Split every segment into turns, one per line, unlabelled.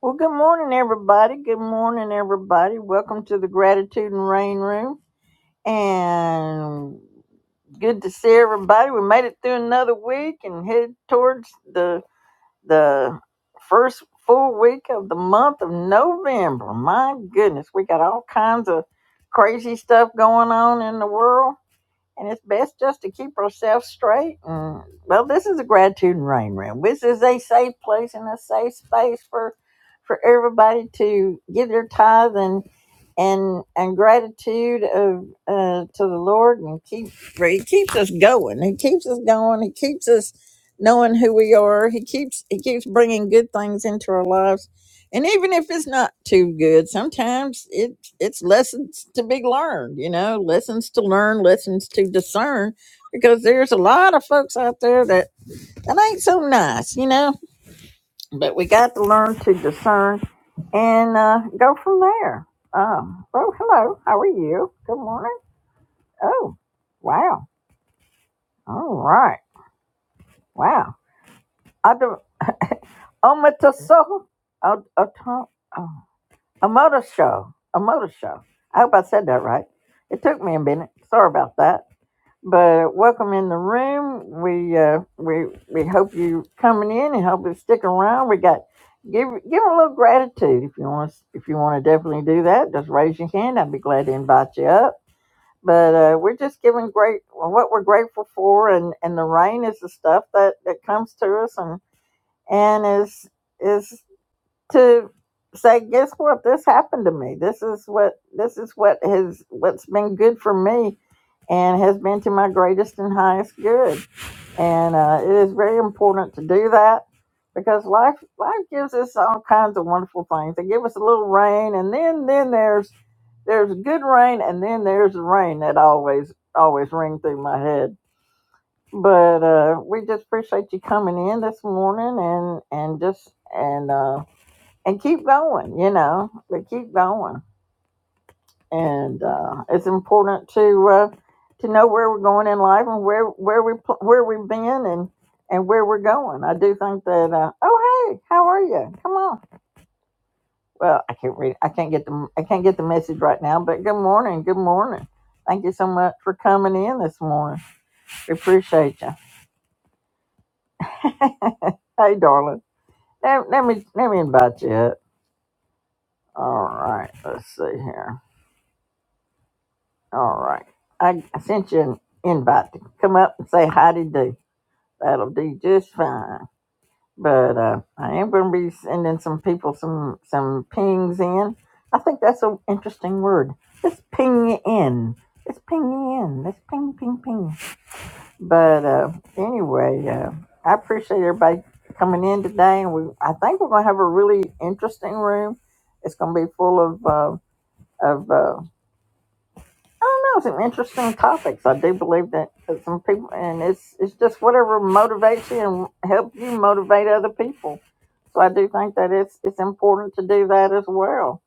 Well, good morning, everybody. Good morning, everybody. Welcome to the Gratitude and Rain Room. And good to see everybody. We made it through another week and headed towards the the first full week of the month of November. My goodness, we got all kinds of crazy stuff going on in the world and it's best just to keep ourselves straight. And, well, this is a gratitude and rain room. This is a safe place and a safe space for for everybody to give their tithe and and and gratitude of uh, to the Lord, and keep He keeps us going. He keeps us going. He keeps us knowing who we are. He keeps He keeps bringing good things into our lives, and even if it's not too good, sometimes it it's lessons to be learned. You know, lessons to learn, lessons to discern, because there's a lot of folks out there that that ain't so nice. You know but we got to learn to discern and uh, go from there. Um, oh, hello. How are you? Good morning. Oh, wow. All right. Wow. I omataso. A motor show. A motor show. I hope I said that right. It took me a minute. Sorry about that. But welcome in the room. We uh, we we hope you coming in and hope you stick around. We got give give a little gratitude if you want if you want to definitely do that. Just raise your hand. I'd be glad to invite you up. But uh, we're just giving great well, what we're grateful for, and and the rain is the stuff that that comes to us and and is is to say, guess what? This happened to me. This is what this is what has what's been good for me and has been to my greatest and highest good. And uh, it is very important to do that because life life gives us all kinds of wonderful things. They give us a little rain and then then there's there's good rain and then there's the rain that always always ring through my head but uh we just appreciate you coming in this morning and and just and uh and keep going, you know, but keep going. And uh, it's important to uh, to know where we're going in life and where where we pl- where we've been and and where we're going. I do think that. Uh, oh hey, how are you? Come on. Well, I can't read. I can't get the I can't get the message right now. But good morning. Good morning. Thank you so much for coming in this morning. We appreciate you. hey, darling. Let, let me let me invite you up. All right. Let's see here. All right. I, I sent you an invite to come up and say how do you do. That'll do just fine. But uh, I am going to be sending some people some some pings in. I think that's an interesting word. Let's ping in. Let's ping in. Let's ping, ping, ping. But uh, anyway, uh, I appreciate everybody coming in today, and we I think we're going to have a really interesting room. It's going to be full of uh, of. uh, I don't know. Some interesting topics. I do believe that that some people, and it's it's just whatever motivates you and help you motivate other people. So I do think that it's it's important to do that as well.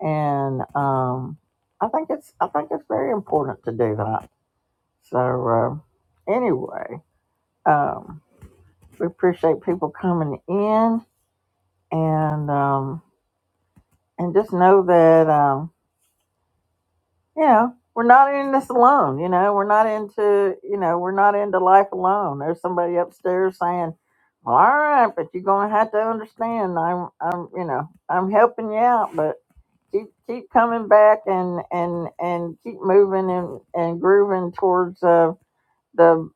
And um, I think it's I think it's very important to do that. So uh, anyway, um, we appreciate people coming in and um, and just know that. Um, you know, we're not in this alone. You know, we're not into, you know, we're not into life alone. There's somebody upstairs saying, "Well, "All right, but you're gonna have to understand. I'm, I'm, you know, I'm helping you out, but keep keep coming back and and and keep moving and and grooving towards uh, the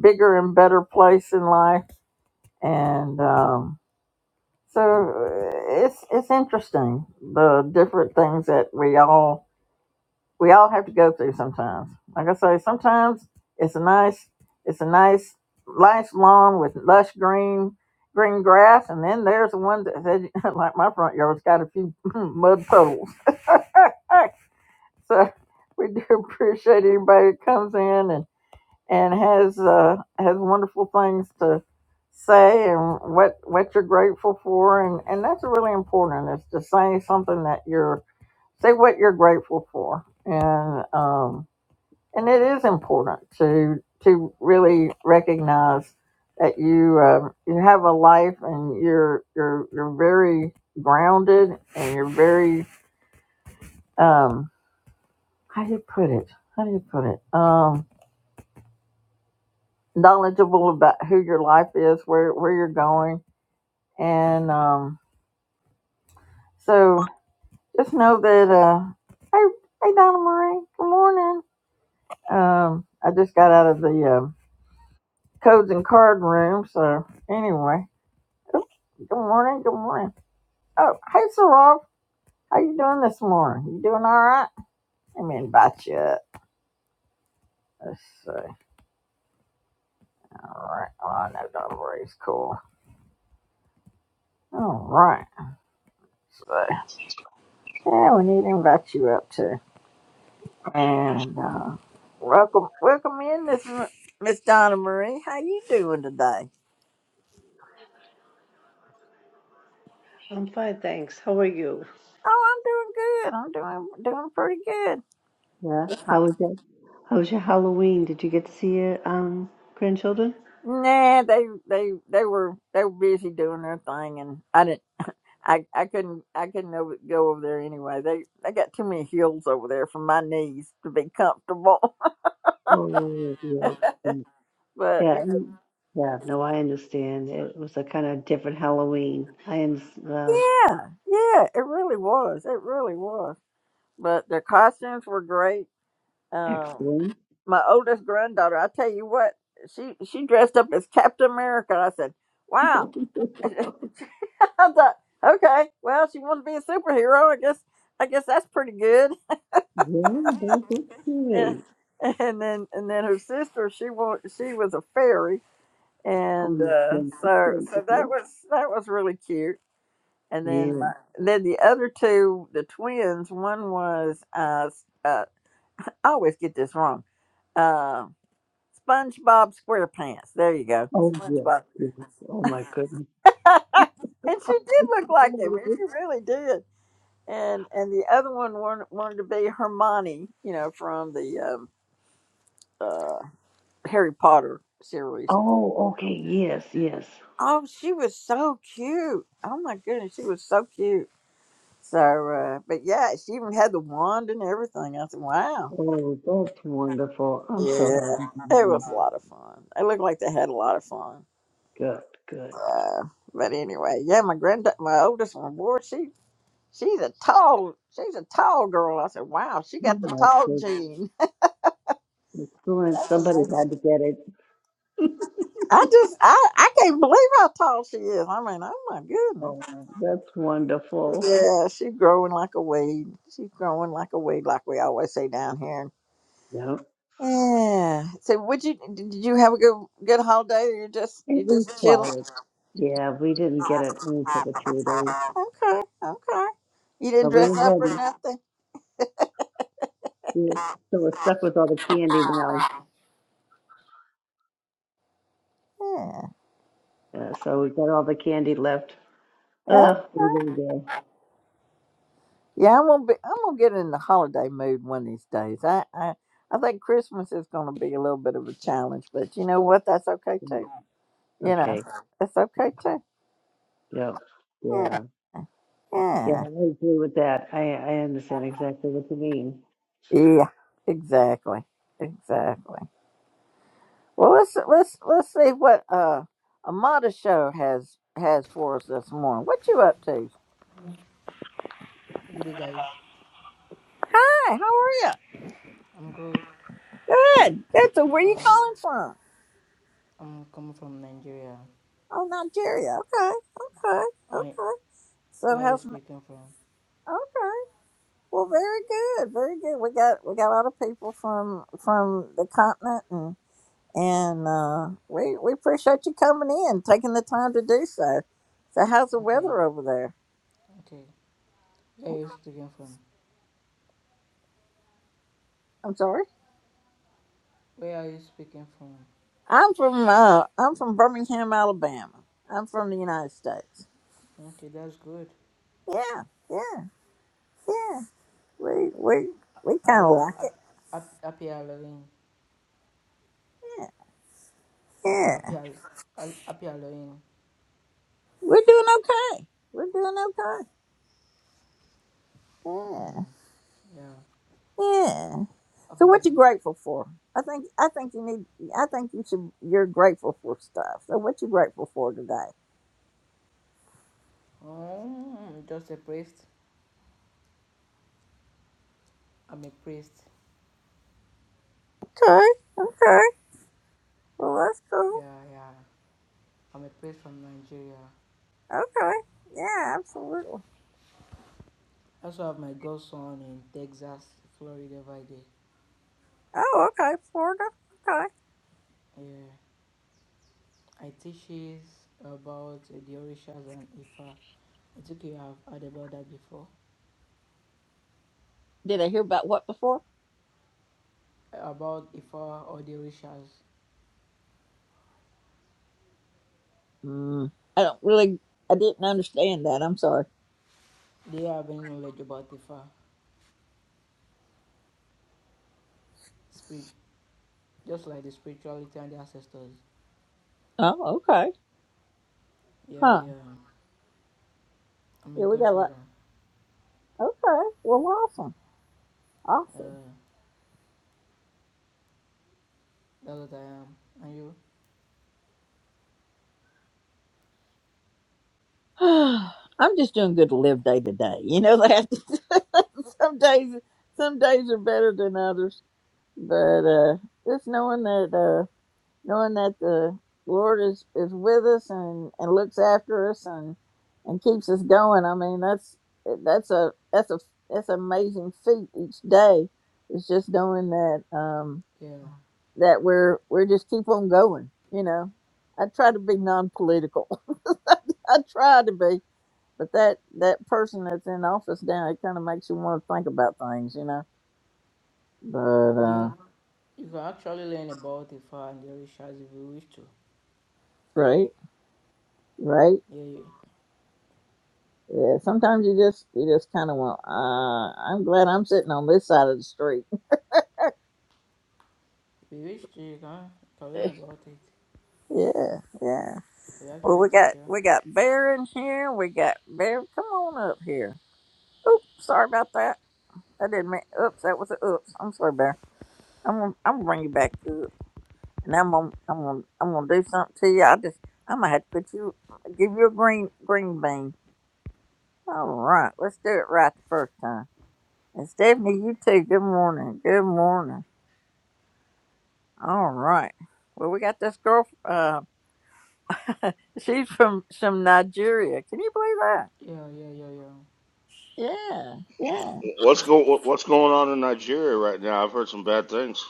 bigger and better place in life." And um, so uh, it's it's interesting the different things that we all we all have to go through sometimes. Like I say, sometimes it's a nice, it's a nice, nice lawn with lush green, green grass, and then there's the one that said, like my front yard's got a few mud puddles. All right, so we do appreciate anybody that comes in and and has uh, has wonderful things to say and what what you're grateful for, and and that's really important. Is to say something that you're say what you're grateful for, and um and it is important to to really recognize that you um, you have a life and you're you're you're very grounded and you're very um how do you put it how do you put it um knowledgeable about who your life is where where you're going and um so just know that uh hey hey Donna Marie good morning um I just got out of the um codes and card room so anyway Oh, good morning. Good morning. Oh, hey, Sarov. How you doing this morning? You doing all right? Let me invite you up. Let's see. All right. Oh, I know Donna Marie's cool. All right. So, yeah, we need to invite you up too. And uh, welcome, welcome in, Miss m- Miss Donna Marie. How you doing today?
I'm fine, thanks. How are you?
Oh, I'm doing good. I'm doing doing pretty good.
Yeah. How was your How was your Halloween? Did you get to see your um grandchildren?
Nah, they they they were they were busy doing their thing, and I didn't. I I couldn't I couldn't over, go over there anyway. They they got too many hills over there for my knees to be comfortable.
Oh yeah. mm.
but
Yeah.
you know,
mm, Yeah. No, I understand. It was a kind of different Halloween. I understand. Well,
yeah, yeah, it really was. It really was. But their costumes were great. Um,
excellent.
my oldest granddaughter, I tell you what, she she dressed up as Captain America. I said,
yeah,
wow. I thought, okay, well, she wants to be a superhero. I guess I guess that's pretty good.
that's
and
okay.
and then and then her sister, she wa- she was a fairy
Oh
and
my
uh,
goodness.
so so
goodness.
that was that was really cute. And then
Yeah.
my, then the other two, the twins. One was uh, s- uh I always get this wrong. Um, SpongeBob SquarePants. There you go,
Oh yes.
SpongeBob.
yes. Oh my goodness.
and she did look like him. She really did. And and the other one wanted, wanted to be Hermione, you know, from the um, uh, Harry Potter series.
Oh, okay. Yes. Yes.
Oh, she was so cute. Oh my goodness, she was so cute. So, uh, but yeah, she even had the wand and everything. I said, wow.
Oh, that's wonderful. I'm
Yeah,
so happy for
it was
you.
a lot of fun. It looked like they had a lot of fun.
Good, good.
Uh, but anyway, yeah, my grand, my oldest one, boy, she she's a tall, she's a tall girl. I said, wow, she
Oh
got the
my
tall
goodness.
gene.
Glenn,
That's
somebody
amazing.
had to get it.
I just, I, I can't believe how tall she is. I mean, oh my goodness.
Oh, that's wonderful.
Yeah, she's growing like a weed. She's growing like a weed, like we always say down here
Yeah.
Yeah. So, would you did you have a good good holiday? Or you're just
It
you
was
just chilling.
quiet. Yeah, we didn't get it in for the two days,
Okay. Okay. You didn't
but we were
dress up or
ready.
nothing.
We were, so we're stuck with all the candy now.
Yeah.
Uh, so we got all the candy left.
Yeah.
Uh, we didn't go.
Yeah. I'm gonna be. I'm gonna get in the holiday mood one of these days. I I, I think Christmas is gonna be a little bit of a challenge, but you know what? That's okay too. You know,
Okay.
that's okay too.
Yep.
Yeah.
Yeah. Yeah,
Yeah.
I agree with that. I I understand exactly what you mean.
Yeah. Exactly. Exactly. Well, let's let's let's see what uh Amada show has has for us this morning. What you up to?
Good day, guys.
Hi, how are
I'm good.
you? Good. Good. So where you
Uh,
calling from?
I'm coming from Nigeria.
Oh, Nigeria. Okay. Okay.
I,
Okay. So
where are you
how's
speaking from?
okay? Well, very good. Very good. We got we got a lot of people from from the continent and and uh, we we appreciate you coming in, taking the time to do so. So how's the
Okay,
weather over there?
okay. Where are
Okay,
you speaking from?
I'm sorry.
Where are you speaking from?
I'm from uh, I'm from Birmingham, Alabama. I'm from the United States.
Okay, that's good.
Yeah, yeah, yeah. We we we kind of
I'll
like it.
ap, ap, happy Halloween.
Yeah, yeah.
Happy Hall- Hall- happy Halloween.
We're doing okay. We're doing okay. Yeah,
Mm, yeah.
yeah.
Happy
So what you
beautiful.
grateful for? I think I think you need. I think you should. You're grateful for stuff. So what you grateful for today?
Oh, just a priest. I'm a priest.
Okay, okay. Well, that's cool.
Yeah, yeah. I'm a priest from Nigeria.
Okay. Yeah, absolutely.
I also have my godson in Texas, Florida by day.
Oh, okay. Florida. Okay.
Yeah. I teaches about the Orishas and Ifa. I think you have heard about that before.
Did I hear about what before?
About Ifa or the Orishas.
Mm, I don't really, I didn't understand that. I'm sorry.
they have any knowledge about Ifa? Spirit, just like the spirituality and the ancestors.
Oh, okay.
Yeah,
Huh.
yeah. I'm a
Yeah, we got a lot.
godfather.
Okay. Well, awesome.
Uh,
Awesome.
that's what I am. And you?
I'm just doing good to live day to day. You know that some days, some days are better than others, but, uh, just knowing that, uh, knowing that the Lord is, is with us and, and looks after us and and keeps us going. I mean, that's that's a that's a that's an amazing feat each day. It's just knowing that um,
Yeah.
that we're we're just keep on going. You know, I try to be non-political. I try to be, but that that person that's in office now, it kind of makes you want to think about things. You know, but
Do
uh,
You, you can actually learn about Ifa and the Orishas if you wish to.
right, right.
Yeah, yeah.
Yeah, sometimes you just you just kind of want. Uh, I'm glad I'm sitting on this side of the street.
If you wish to, you can, you can learn about it.
yeah, yeah.
We
Well,
actually
we
teach
got
you.
we got Bear in here. We got Bear. Come on up here. Oops, sorry about that. I didn't mean. Oops, that was a oops. I'm sorry, Bear. I'm gonna, I'm gonna bring you back up, and I'm gonna I'm gonna I'm gonna do something to you. I just I'm gonna have to put you give you a green green bean. All right, let's do it right the first time. And Stephanie, you too. Good morning. Good morning. All right. Well, we got this girl. Uh, she's from some Nigeria. Can you believe that?
Yeah, yeah, yeah, yeah.
Yeah, yeah.
What's go What's going on in Nigeria right now? I've heard some bad things.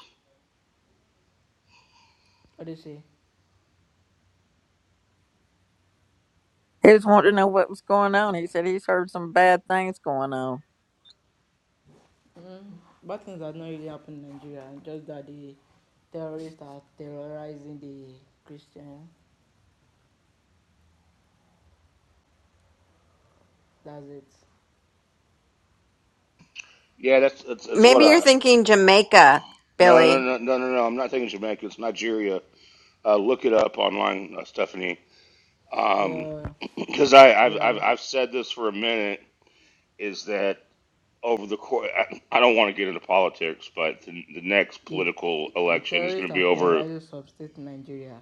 What do you say?
He was wanting to know what was going on. He said he's heard some bad things going on.
Mm, Bad things have not really happened in Nigeria, just that the terrorists are terrorizing the Christian. That's it.
Yeah, that's that's, that's what
Maybe you're
I.
thinking Jamaica,
No, no,
Billy.
no, no, no, no. I'm not thinking Jamaica. It's Nigeria. Uh, look it up online, uh, Stephanie. Um,
Yeah,
because I I've, I've
yeah.
I've said this for a minute is that over the course I, I don't want to get into politics, but the, the next
The
political
the
election is going
terrorists
to be
are
over.
terrorizing some states in Nigeria.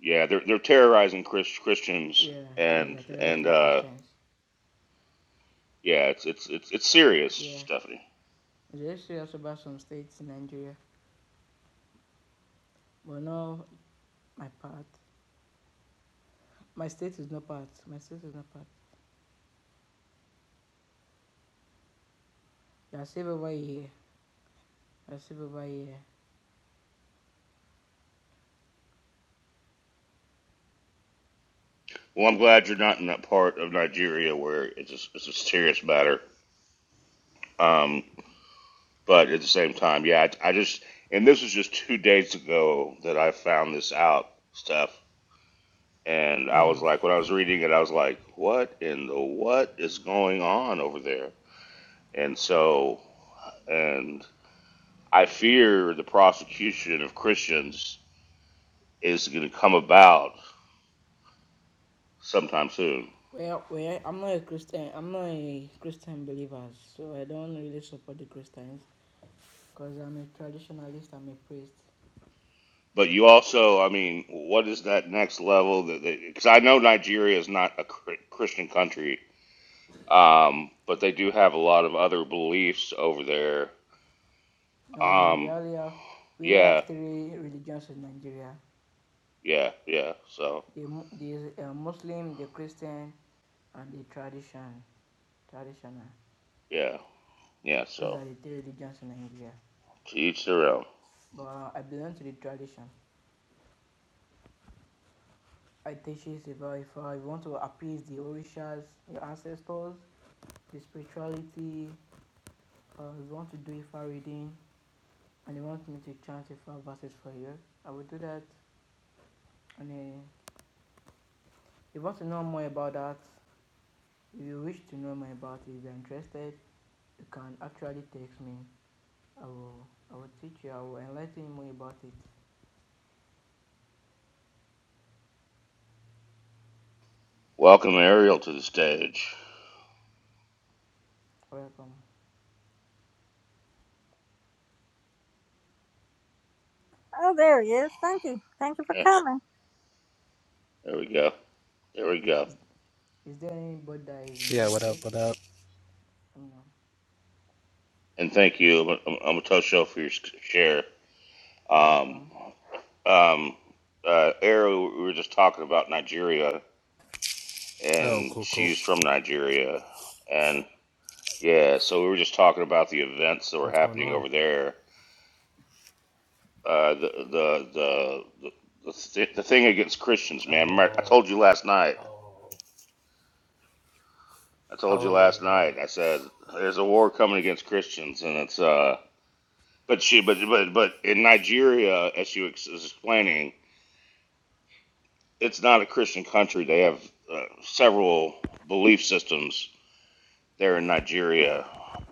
Yeah, they're they're terrorizing Chris, Christians
Yeah, yeah,
and
they're terrorizing
and
the
uh
Christians.
yeah, it's it's it's it's serious,
Yeah.
Stephanie.
There's serious about some states in Nigeria. But no, my part. My state is not part. My state is not part. They are safe over here. They are safe over here.
Well, I'm glad you're not in that part of Nigeria where it's a, it's a serious matter. Um, but at the same time, yeah, I, I just and this was just two days ago that I found this out stuff, and I was
Yeah.
like, when I was reading it, I was like, what in the what is going on over there? And so, and I fear the prosecution of Christians is going to come about sometime soon.
Well, well, I'm not a Christian. I'm not a Christian believer, so I don't really support the Christians because I'm a traditionalist. I'm a priest.
But you also, I mean, what is that next level? That because I know Nigeria is not a cr- Christian country, um, but they do have a lot of other beliefs over there.
No, no, we
Um,
only have we only
yeah,
have three religions in Nigeria:
yeah, yeah. So
the Mu- the uh, Muslim, the Christian, and the tradition traditional.
yeah, yeah.
Those
So
are the three religions in Nigeria.
to each their own.
But uh, I belong to the tradition. I teach it about if I want to appease the orishas, the ancestors, the spirituality. Uh, we want to do Ifa reading and they want me to chant a few verses for you. I will do that. And uh, if you want to know more about that, if you wish to know more about it, if you're interested, you can actually text me. I will, I will teach you. I will enlighten you more about it.
Welcome Ariel to the stage.
Welcome.
Oh, there he is. Thank you. Thank you for
Yeah,
coming.
there we go. There we go.
Is there anybody that is
Yeah, what up,
interested?
what up?
No.
And thank you, Amatosho, for your s- share.
You're
Um,
welcome.
um, uh, Ariel, we were just talking about Nigeria
Oh,
and
cool, cool.
she's from Nigeria. And yeah, so we were just talking about the events that were
What's going
happening
on?
over there. Uh, the the the the, the, th- the thing against Christians, man. Remember, I
Oh,
told you last night.
oh,
I told you last
oh, yeah.
night. I said there's a war coming against Christians, and it's uh. But she, but but but in Nigeria, as she was explaining, it's not a Christian country. They have uh, several belief systems there in Nigeria,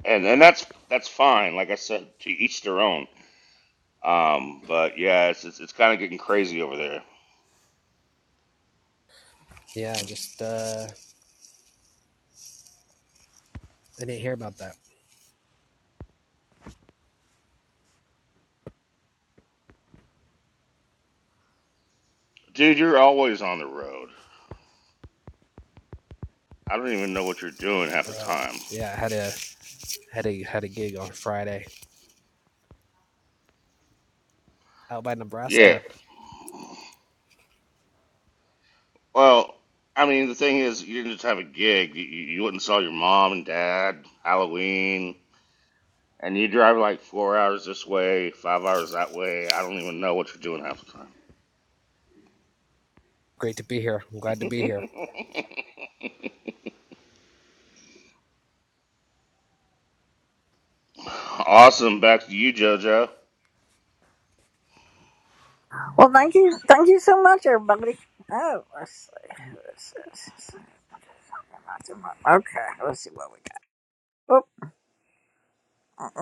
and and that's that's fine. Like I said, to each their own. Um, but yeah, it's it's, it's kind of getting crazy over there,
Yeah, I just, uh, I didn't hear about that,
dude. You're always on the road. I don't even know what you're doing half
bro.
the time.
Yeah, I had a, had a, had a gig on Friday out by
Yeah.
Nebraska.
Well, I mean, the thing is, you didn't just have a gig. You, you you went and saw your mom and dad Halloween, and you drive like four hours this way, five hours that way. I don't even know what you're doing half
Great to be here. I'm glad to
the
be here.
time. awesome. Back to you, JoJo.
Well, thank you. Thank you so much, everybody. Oh, let's see. Let's see. Let's see. let's see. Okay, let's see what we got. Oh,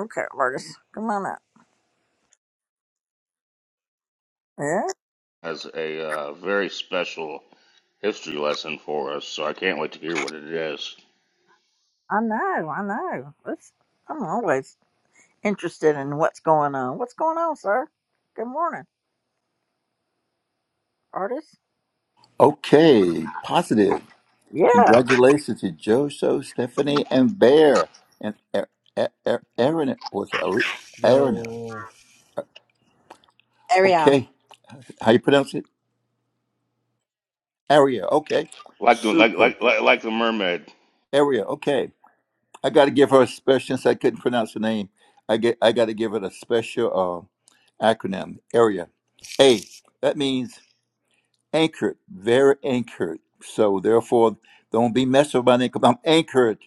okay, Marcus. Come on up. Yeah,
has a uh, very special history lesson for us, so I can't wait to hear what it is.
I know. I know. Let's. I'm always. interested in what's going on. What's going on, sir? Good morning, artist.
Okay, positive.
Yeah,
Congratulations to Joso, Stephanie, and Bear, and Er- Er- Er- Erin. Was it Ari- Erin?
Yo,
Ariel.
Okay, how you pronounce it? Aria. Okay,
Like the like
super.
like like, like the mermaid,
Aria. Okay, I got to give her a special. Since I couldn't pronounce her name, I get I got to give it a special uh, acronym. Aria. A. That means anchored, very anchored. So therefore, don't be messing with my name 'cause I'm anchored.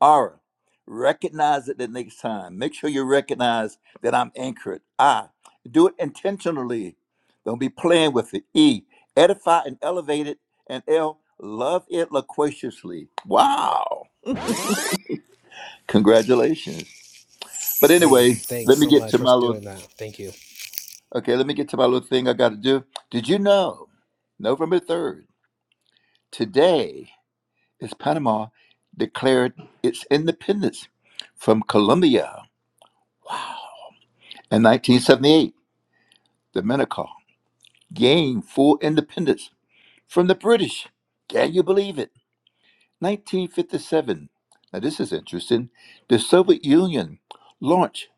Aura, recognize it the next time. Make sure you recognize that I'm anchored. I do it intentionally. Don't be playing with it. E, edify and elevate it. And L, love it loquaciously. Wow. Congratulations. But
hey,
anyway,
thanks
let me
so
get to
much for
my little
doing that. Thank you.
okay, let me get to my little thing I gotta do. Did you know November 3rd, today is Panama declared its independence from Colombia. Wow. In 1978. Dominica gained full independence from the British. Can you believe it? 1957. Now, this is interesting. The Soviet Union launched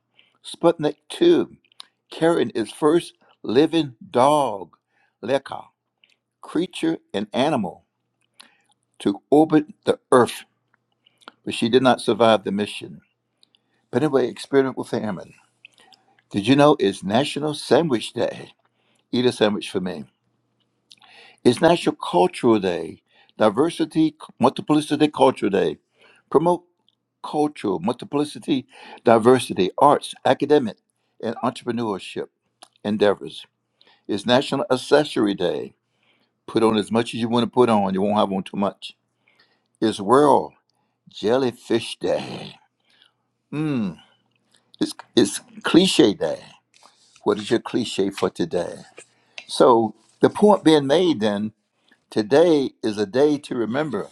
Sputnik 2, carrying its first living dog, Leka, creature and animal, to orbit the Earth, but she did not survive the mission. But anyway, experiment with famine. Did you know it's National Sandwich Day? Eat a sandwich for me. It's National Cultural Day, Diversity, Multiplicity Culture Day. Promote cultural multiplicity, diversity, arts, academic, and entrepreneurship endeavors. It's National Accessory Day. Put on as much as you want to put on. You won't have on too much. It's World Jellyfish Day. Mmm. It's, it's cliche day. What is your cliche for today? So the point being made then, today is a day to remember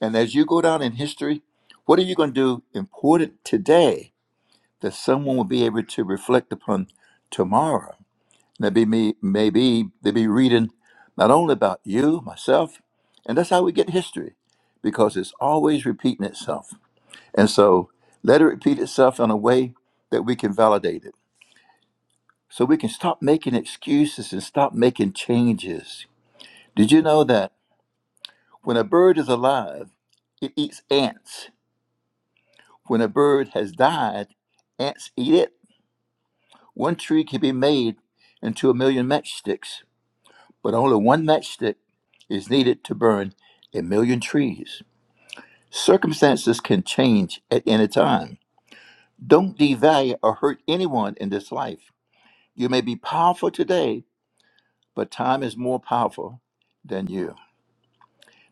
And as you go down in history, what are you going to do important today that someone will be able to reflect upon tomorrow? Maybe me, maybe they'll be reading not only about you, myself, and that's how we get history, because it's always repeating itself. And so let it repeat itself in a way that we can validate it. So we can stop making excuses and stop making changes. Did you know that when a bird is alive, it eats ants? When a bird has died, ants eat it. One tree can be made into a million matchsticks, but only one matchstick is needed to burn a million trees. Circumstances can change at any time. Don't devalue or hurt anyone in this life. You may be powerful today, but time is more powerful than you.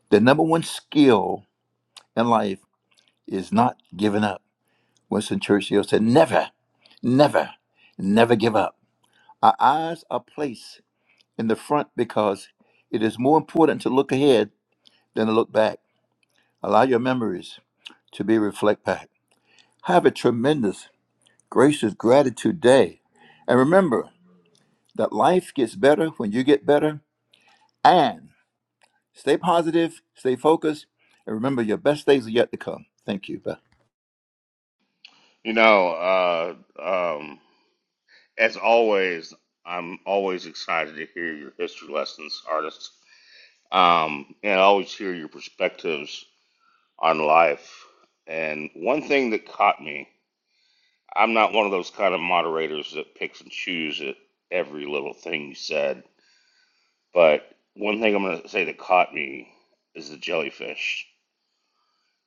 The number one skill in life is not giving up. Winston Churchill said, Never, never, never give up. Our eyes are placed in the front because it is more important to look ahead than to look back. Allow your memories to be reflect back. Have a tremendous, gracious gratitude day. And remember that life gets better when you get better. And stay positive, stay focused, and remember your best days are yet to come. Thank you. Bye.
you know. Uh, um, as always, I'm always excited to hear your history lessons, artists, um, and I always hear your perspectives on life. And one thing that caught me, I'm not one of those kind of moderators that picks and chooses at every little thing you said But one thing I'm gonna say that caught me is the jellyfish.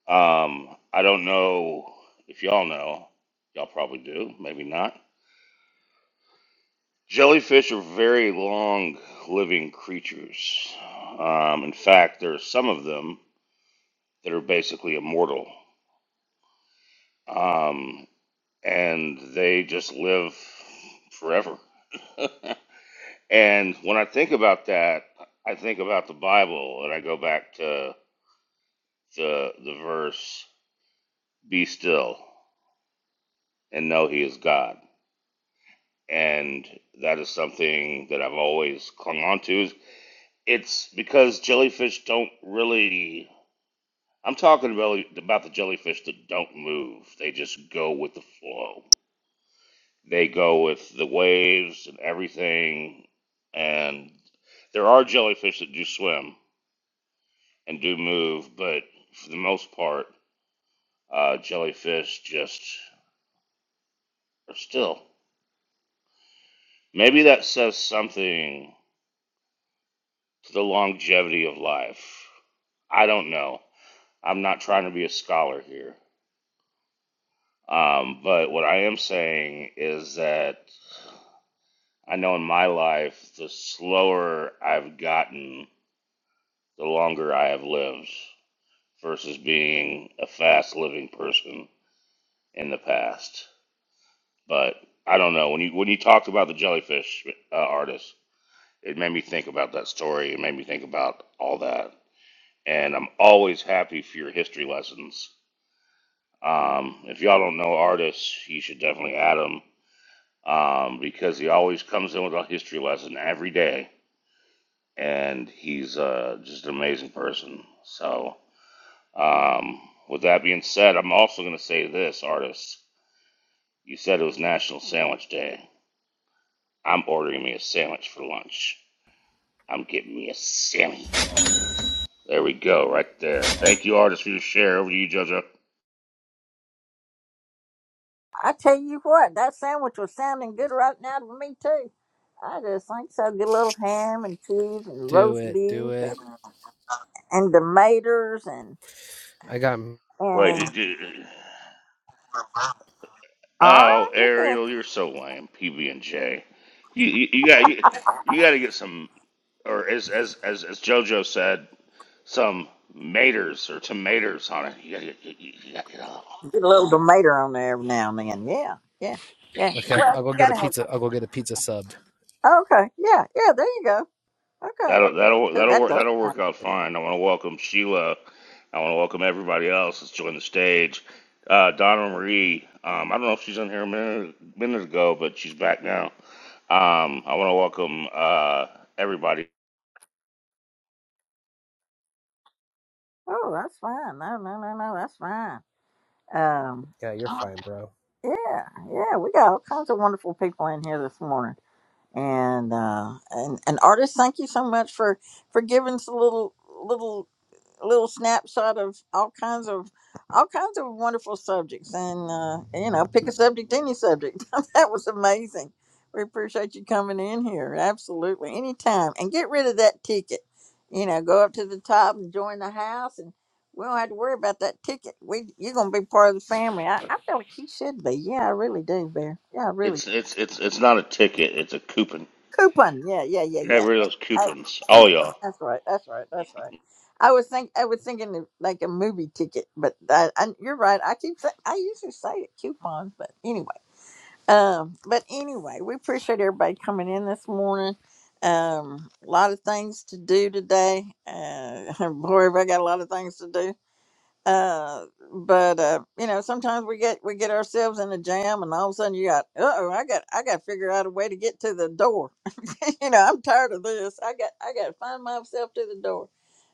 Um, I don't know if y'all know. Y'all probably do. Maybe not. Jellyfish are very long living creatures. Um, in fact, there are some of them that are basically immortal, um, and they just live forever. and when I think about that, I think about the Bible, and I go back to the the verse. be still and know he is God. And that is something that I've always clung on to. It's because jellyfish don't really. I'm talking really about the jellyfish that don't move. They just go with the flow. They go with the waves and everything. And there are jellyfish that do swim and do move, but for the most part, uh, jellyfish just are still. Maybe that says something to the longevity of life. I don't know. I'm not trying to be a scholar here. Um, but what I am saying is that I know in my life, the slower I've gotten, the longer I have lived versus being a fast living person in the past. But I don't know. When you, when you talked about the jellyfish uh, artist, it made me think about that story. It made me think about all that. And I'm always happy for your history lessons Um, if y'all don't know artists, you should definitely add him um, because he always comes in with a history lesson every day, and he's uh, just an amazing person. So, um, with that being said, I'm also going to say this, artists. You said it was National Sandwich Day. I'm ordering me a sandwich for lunch. I'm getting me a Sammy. There we go, right there. Thank you, artists, for your share. Over to you, JoJo.
I tell you what, that sandwich was sounding good right now to me too. I just think so. Good little ham and cheese and
Do
roast
it, do
beef and
it.
and tomatoes and
I got,
Wait, did,
and
did,
all
Oh,
right, look at
Ariel, you're so lame. PB and J. You you, you got you, you got to get some, or as as as as JoJo said, some maters or tomatoes on it. You gotta, get- you, you, you gotta get off.
you. get a little tomato on there every now and then. Yeah, yeah, yeah.
okay,
Well,
I'll
you
go get a
gotta have.
pizza. I'll go get a pizza sub.
Okay, yeah, yeah. There you go. Okay.
That'll that'll
Oh,
that'll
that
work
does.
that'll
Sound.
work out fine. I want to welcome Sheila. I want to welcome everybody else that's joined the stage. Uh, Donna Marie. Um, I don't know if she's on here a minute, minute ago, but she's back now. Um, I want to welcome uh, everybody.
Oh, that's fine. No, no, no, no. That's fine. Um.
Yeah, you're fine, bro.
Yeah, yeah, we got all kinds of wonderful people in here this morning, and uh, and and artists, thank you so much for for giving us a little little a little snapshot of all kinds of all kinds of wonderful subjects and uh you know pick a subject any subject that was amazing we appreciate you coming in here absolutely anytime and get rid of that ticket you know go up to the top and join the house and we don't have to worry about that ticket we you're gonna be part of the family i, I feel like he should be yeah i really do bear yeah i really
It's it's it's it's not a ticket. It's a coupon.
Coupon. Yeah, yeah, yeah,
Get
yeah.
rid of those
Uh,
coupons, all
coupon.
y'all.
That's right. That's right. That's right. I was think I was thinking of like a movie ticket, but I, I, you're right. I keep say, I usually say it coupons, but anyway. Um, but anyway, we appreciate everybody coming in this morning. Um, a lot of things to do today. Uh, boy, have I got a lot of things to do. Uh, but uh, you know, sometimes we get we get ourselves in a jam, and all of a sudden you got, uh oh, I got I got to figure out a way to get to the door. you know, I'm tired of this. I got I got to find myself to the door.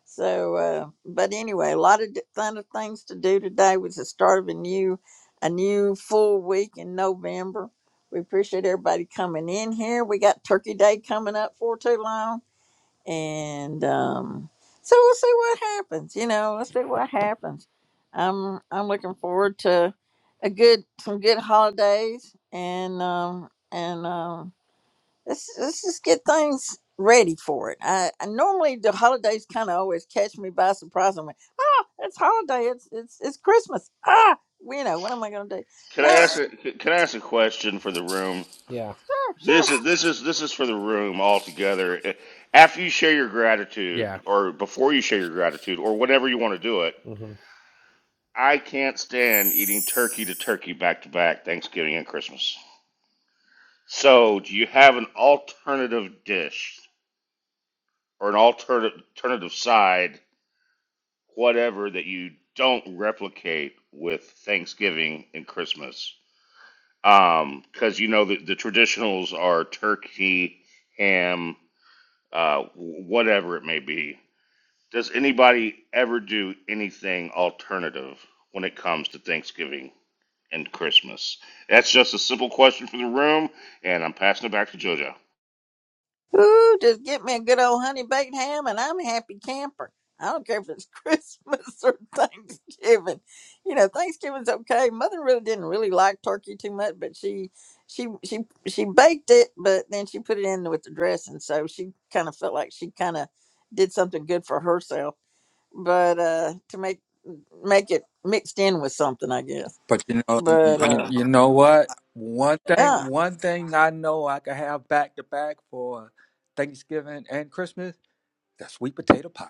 So, uh, but anyway, a lot of di- fun of things to do today was the start of a new a new full week in November. We appreciate everybody coming in here. We got Turkey Day coming up for too long and um, so we'll see what happens. You know, let's see what happens. I'm I'm looking forward to a good some good holidays and um, and um, let's let's just get things ready for it. I, I normally the holidays kind of always catch me by surprise. I'm like, ah, it's holiday. It's it's it's Christmas. Ah, you know what am I gonna do?
Can I
No,
ask a Can I ask a question for the room?
Yeah,
sure, sure.
This is this is this is for the room altogether. After you share your gratitude,
yeah,
or before you share your gratitude, or whatever you want to do it,
mm-hmm.
I can't stand eating turkey to turkey back to back Thanksgiving and Christmas. So, do you have an alternative dish or an alternative alternative side, whatever that you don't replicate with Thanksgiving and Christmas? Um, 'cause because you know the, the traditionals are turkey, ham, uh, whatever it may be. Does anybody ever do anything alternative when it comes to Thanksgiving and Christmas? That's just a simple question for the room, and I'm passing it back to JoJo.
Ooh, just get me a good old honey baked ham and I'm a happy camper. I don't care if it's Christmas or Thanksgiving. You know, Thanksgiving's okay. Mother really didn't really like turkey too much, but she she she she baked it, but then she put it in with the dressing, so she kind of felt like she kind of did something good for herself. But uh to make make it mixed in with something, I guess.
But you know,
But
you,
uh
you know what? One thing,
yeah,
one thing I know I can have back to back for Thanksgiving and Christmas. That's sweet potato pie.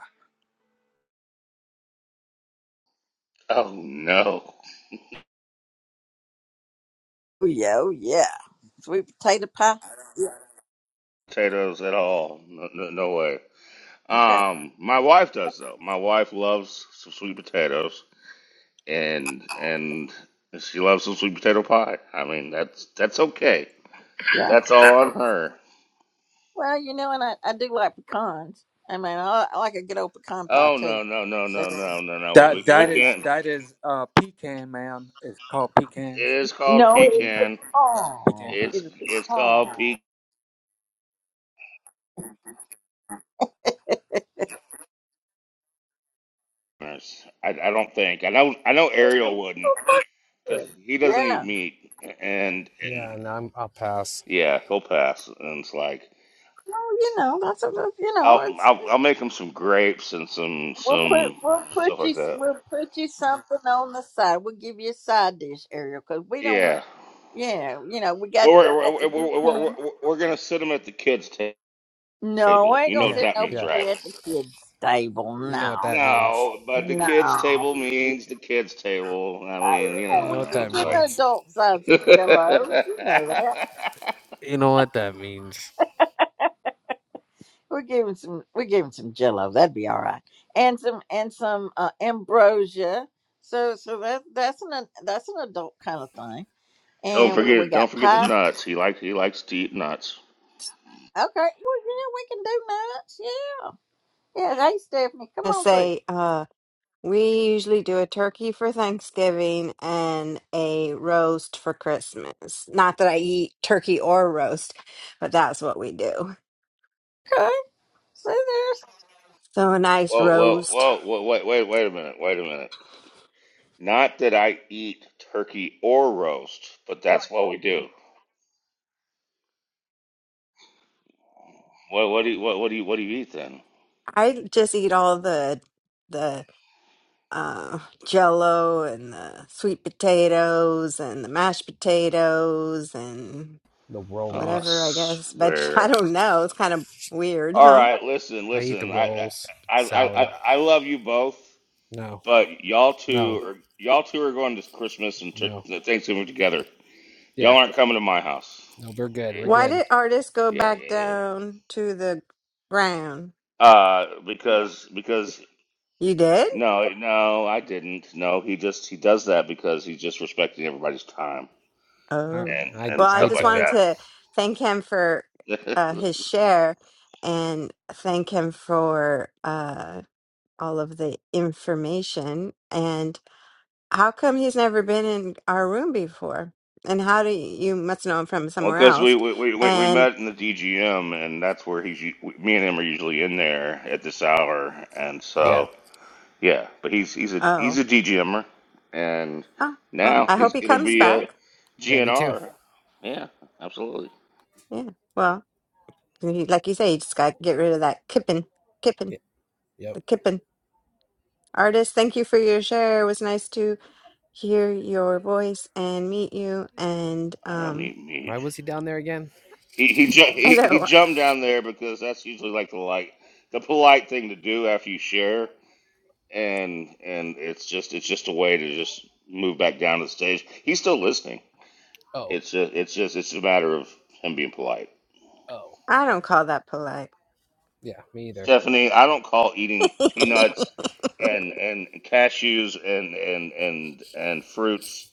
Oh no,
oh yeah, oh yeah, sweet potato pie.
potatoes at all? No, no, no way.
Okay,
Um, my wife does though. My wife loves some sweet potatoes. and and she loves some sweet potato pie. I mean, that's that's okay. That's all on
yeah.
her.
Well, you know, and I, I do like pecans. I mean, I, I like a good old pecan pie
Oh
too.
no no no
So,
no no no no. We,
That
we, we
that
oh yeah.
is
can't.
that is uh pecan, ma'am. It's called
It
pecans.
is called
No,
Pecan
it's
pie.
pecan.
a
Pecan
pecan.
pie.
It's
It's a
it's called
pecan.
pecans. I, I don't think. I know I know Ariel wouldn't because he doesn't eat
Yeah.
meat and and
Yeah, No, I'm, I'll pass.
yeah he'll pass and it's like
Well, you know, that's a, you know,
I'll
it's
I'll, I'll make him some grapes and some
we'll put
some
we'll put
stuff like
you
that.
we'll put you something on the side. We'll give you a side dish, Ariel, because we don't. want-
Yeah.
Yeah, you know, we got
Well,
we
we're we're
got the good
we're,
thing.
we're, we're, we're gonna sit them at the kids' ta-
No,
table.
I
You
ain't
know
gonna
what
Yeah,
sit
that means,
yeah.
right?
nobody at the kids' table.
You know
No,
what that means.
No, but the kids'
no.
table means the kids' table. I
Oh,
mean, you know,
you
You
know,
know
we
what
I
could
was
that
give
like,
adults
means.
adult size of Jello. You know that.
You know what that means.
We're giving some. We're giving some Jello. That'd be all right. And some and some uh, ambrosia. So so that that's an that's an adult kind of thing.
don't
And we
forget, don't
got
forget the
pie. Okay.
nuts. He likes he likes to eat nuts.
Well, yeah, we can do nuts. Yeah. Yeah. Hey, Stephanie, come
I
on through.
say, uh, we usually do a turkey for Thanksgiving and a roast for Christmas. Not that I eat turkey or roast, but that's what we do.
Okay. See there.
So a nice
Whoa, whoa,
roast.
whoa, whoa, wait, wait, wait a minute, wait a minute. Not that I eat turkey or roast, but that's what we do. What what do you, what what do you what do you eat then?
I just eat all the the uh jello and the sweet potatoes and the mashed potatoes and
The
Oh, I
rolls.
whatever I guess. But I
swear.
don't know. It's kind of weird,
All
huh?
right, listen,
I eat the
listen. I
rolls.
I I
Salad.
I, I love you both,
No.
but y'all two
No.
are y'all two are going to Christmas and
No.
t- Thanksgiving together. Y'all
Yeah.
aren't coming to my house.
No, we're good. We're
Why
good.
did artists go
Yeah,
back
yeah, yeah.
down to the ground?
Uh, because because
You did?
no, no, I didn't. No, he just he does that because he's just respecting everybody's time
I.
Oh.
and
I. I I, d-
and
Well, I
I
stuff
just
like
wanted
don't.
that.
to thank him for uh, his share and thank him for uh, all of the information. And how come he's never been in our room before? And how do you, you must know him from
well,
somewhere
because we
else?
we, we we we
And
met in the DGM, and that's where he's u- me and him are usually in there at this hour, and
Yeah.
so. Yeah, but he's he's a he's
oh,
a DGMer, and
oh, well,
now
I
he's
hope he
gonna
comes
be a
back.
Yeah, me too.
GNR. Yeah, absolutely.
Yeah. Well, like you say, you just got to get rid of that kipping.
Yeah. Yep.
the Kippen artist. Thank you for your share. It was nice to hear your voice and meet you. And
I don't
um,
eat meat.
Why was he down there again?
He he ju-
I
he, he
don't,
jumped down there because that's usually like the like the polite thing to do after you share, and and it's just it's just a way to just move back down to the stage. He's still listening.
Oh.
It's just it's just it's a matter of him being polite.
Oh.
I don't call that polite.
Yeah, me either.
Stephanie, I don't call eating peanuts and and cashews and and and and fruits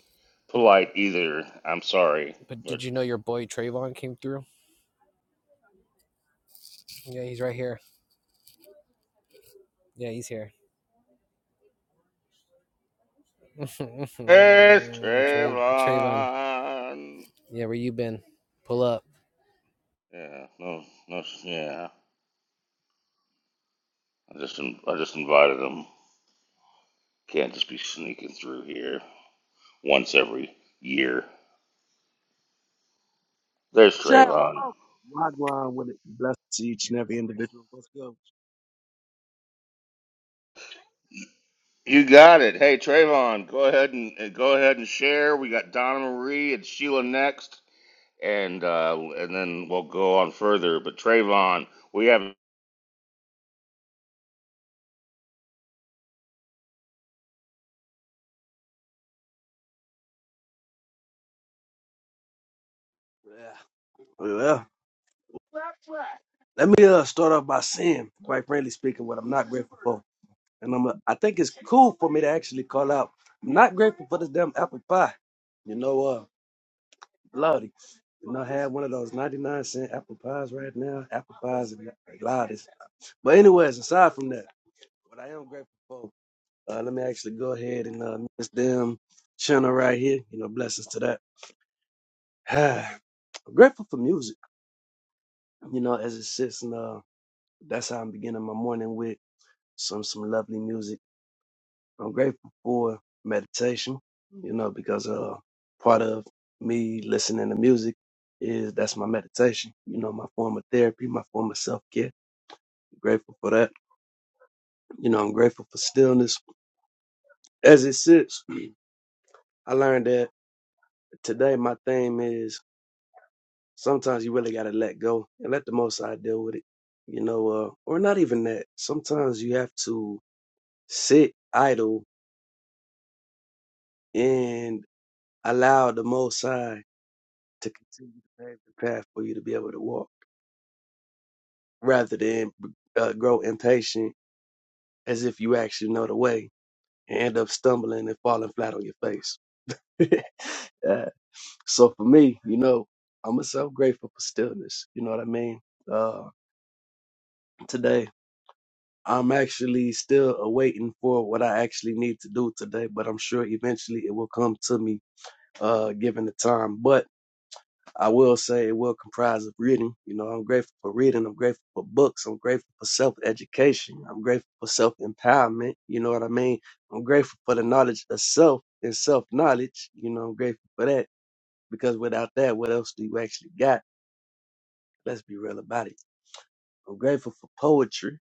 But
polite either. I'm sorry,
but
but
did you know your boy Trayvon came through? Yeah, he's right here. Yeah, he's here.
it's
Tray, Trayvon.
Trayvon.
Yeah, where you been? Pull up.
Yeah, no, no, yeah. I just in- I just invited him. Can't just be sneaking through here once every year. There's
Ciao.
Trayvon.
Wagwan with it. Bless to each and every individual. Let's go.
You got it. Hey Trayvon, go ahead and uh, go ahead and share. We got Donna Marie and Sheila next, and uh, and then we'll go on further. But Trayvon, we have.
Yeah. Well, let me uh, start off by saying, quite frankly speaking, what I'm not grateful for. And I'm, uh, I think it's cool for me to actually call out. I'm not grateful for this damn apple pie. You know, uh, bloody. You know, I had one of those 99 cent apple pies right now. Apple pies are loudest. But anyways, aside from that, what I am grateful for, uh, let me actually go ahead and uh, miss them channel right here. You know, blessings to that. I'm grateful for music, you know, as it sits, and uh, that's how I'm beginning my morning with some some lovely music. I'm grateful for meditation, you know, because uh, part of me listening to music is that's my meditation, you know, my form of therapy, my form of self care. Grateful for that, you know. I'm grateful for stillness as it sits. I learned that today my theme is. sometimes you really got to let go and let the most high deal with it you know uh, or not even that sometimes you have to sit idle and allow the most high to continue to pave the path for you to be able to walk rather than uh, grow impatient as if you actually know the way and end up stumbling and falling flat on your face Uh, so for me you know i'm so grateful for stillness you know what i mean uh, today I'm actually still awaiting for what I actually need to do today, but I'm sure eventually it will come to me, uh, given the time. But I will say it will comprise of reading. You know, I'm grateful for reading. I'm grateful for books. I'm grateful for self education. I'm grateful for self empowerment. You know what I mean? I'm grateful for the knowledge of self and self knowledge. You know, I'm grateful for that because without that, what else do you actually got? Let's be real about it. I'm grateful for poetry,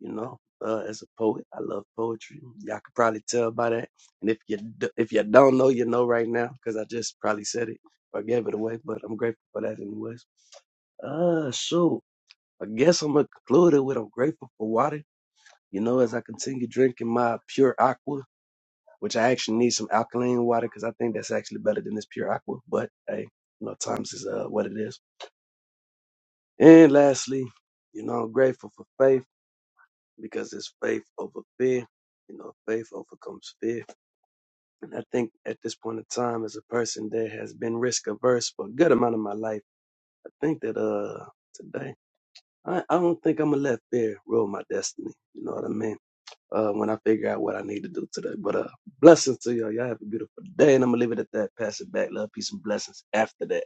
you know. Uh, as a poet, I love poetry. Y'all could probably tell by that. And if you d- if you don't know, you know right now because I just probably said it or gave it away. But I'm grateful for that anyways. Uh, shoot. I guess I'm gonna conclude it with I'm grateful for water. You know, as I continue drinking my pure aqua, which I actually need some alkaline water because I think that's actually better than this pure aqua. But hey, you know, times is uh what it is. And lastly, you know, I'm grateful for faith. because it's faith over fear. You know, faith overcomes fear. And I think at this point in time, as a person that has been risk averse for a good amount of my life, I think that uh today I, I don't think I'm gonna let fear rule my destiny. You know what I mean? Uh, when I figure out what I need to do today. But uh, blessings to y'all. Y'all have a beautiful day, and I'm gonna leave it at that. Pass it back, love, peace, and blessings. After that.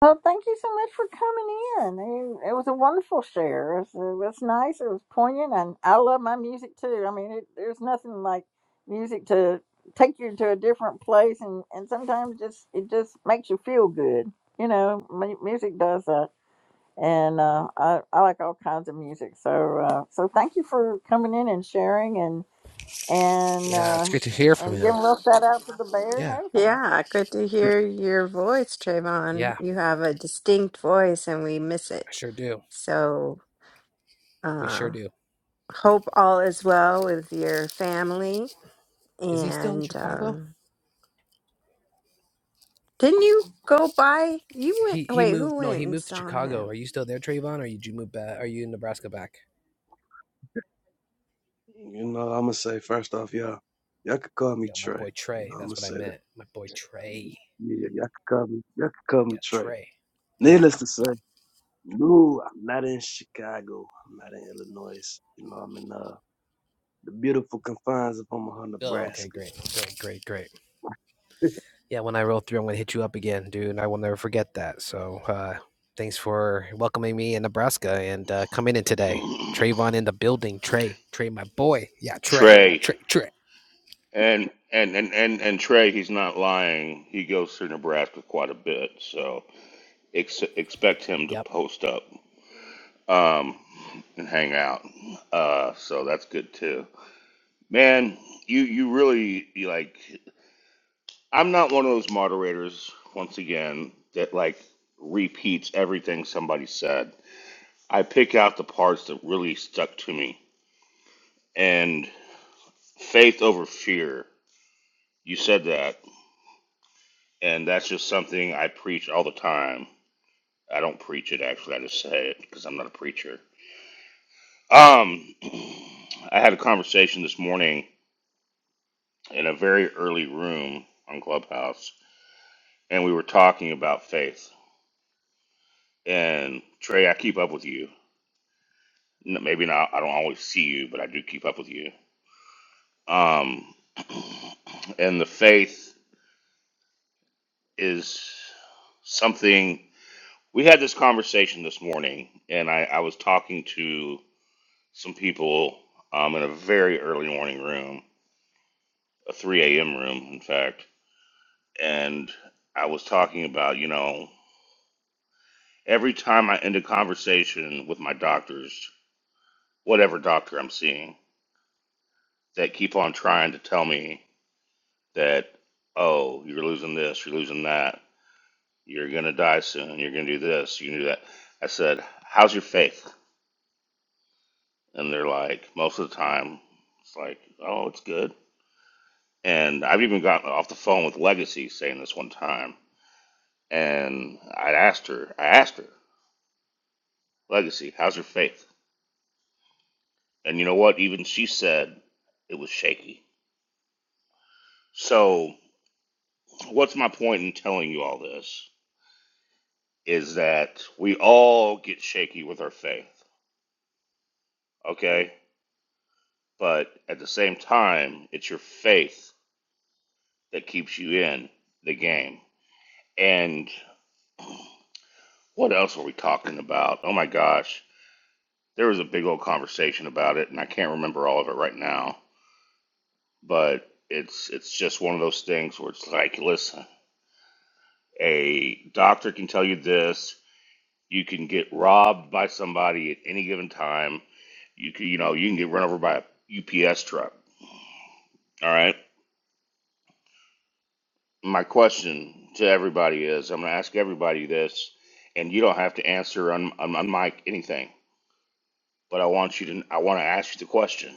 Well, thank you so much for coming in. It, it was a wonderful share. It was, it was nice. It was poignant, and I love my music too. I mean, it, there's nothing like music to take you to a different place, and and sometimes just it just makes you feel good. You know, mu- music does that, and uh, I I like all kinds of music. So uh, so thank you for coming in and sharing, and and
Yeah,
uh,
it's great to hear from
and giving
him.
a little shout out to the bear and
Yeah.
everything.
yeah, good to hear your voice, Trayvon.
Yeah.
You have a distinct voice, and we miss it.
I sure do.
So,
We sure
uh,
do.
hope all is well with your family.
Is he still in
And
Chicago?
um, didn't you go by? You went.
He he
Wait, who
moved. No,
went
he
and
moved to
saw him?
Chicago. Are you still there, Trayvon? Or did you move back? Are you in Nebraska back?
You know, I'm gonna say first off, y'all, y'all could call me
Yo, my
Trey.
boy
You
Trey.
know, I'm
That's
gonna
what I
say that.
meant. My boy Trey.
Yeah, yeah, y'all could call me, y'all could call me
Yeah,
Trey.
Trey. Yeah.
Needless to say, no, I'm not in Chicago. I'm not in Illinois. You know, I'm in uh, the beautiful confines of Omaha,
Oh, okay,
Nebraska.
great, great, great, great. Yeah, when I roll through, I'm gonna hit you up again, dude. And I will never forget that. So, uh, thanks for welcoming me in Nebraska and uh, coming in today. Trayvon in the building. Trey, Trey, my boy. Yeah, Trey,
Trey
Trey, Trey.
and and and and and Trey, he's not lying. He goes through Nebraska quite a bit, so ex- expect him to
Yep.
post up um, and hang out. Uh, so that's good too, man. You you really you like. I'm not one of those moderators once again that like repeats everything somebody said. I pick out the parts that really stuck to me, and faith over fear. You said that And that's just something I preach all the time. I don't preach it actually, I just say it because I'm not a preacher. Um I had a conversation this morning in a very early room on Clubhouse and we were talking about faith. And Trey, I keep up with you. N- Maybe not I don't always see you, but I do keep up with you. Um and the faith is something we had this conversation this morning and I, I was talking to some people um, in a very early morning room, a 3 a.m. room, in fact, and I was talking about, you know, every time I end a conversation with my doctors, whatever doctor I'm seeing, that keep on trying to tell me that, oh, you're losing this, you're losing that, you're going to die soon, you're going to do this, you can do that. I said, how's your faith? And they're like, most of the time, it's like, oh, it's good. And I've even gotten off the phone with Legacy saying this one time. And I asked her, I asked her, Legacy, how's your faith? And you know what? Even she said it was shaky. So, what's my point in telling you all this? Is that we all get shaky with our faith, okay? But at the same time, it's your faith that keeps you in the game. And what else are we talking about? Oh my gosh There was a big old conversation about it, and I can't remember all of it right now. But it's it's just one of those things where it's like, listen, a doctor can tell you this. You can get robbed by somebody at any given time. You can, you know, you can get run over by a UPS truck. All right. My question to everybody is, I'm going to ask everybody this, and you don't have to answer on on, on mic anything, but I want you to, I want to ask you the question: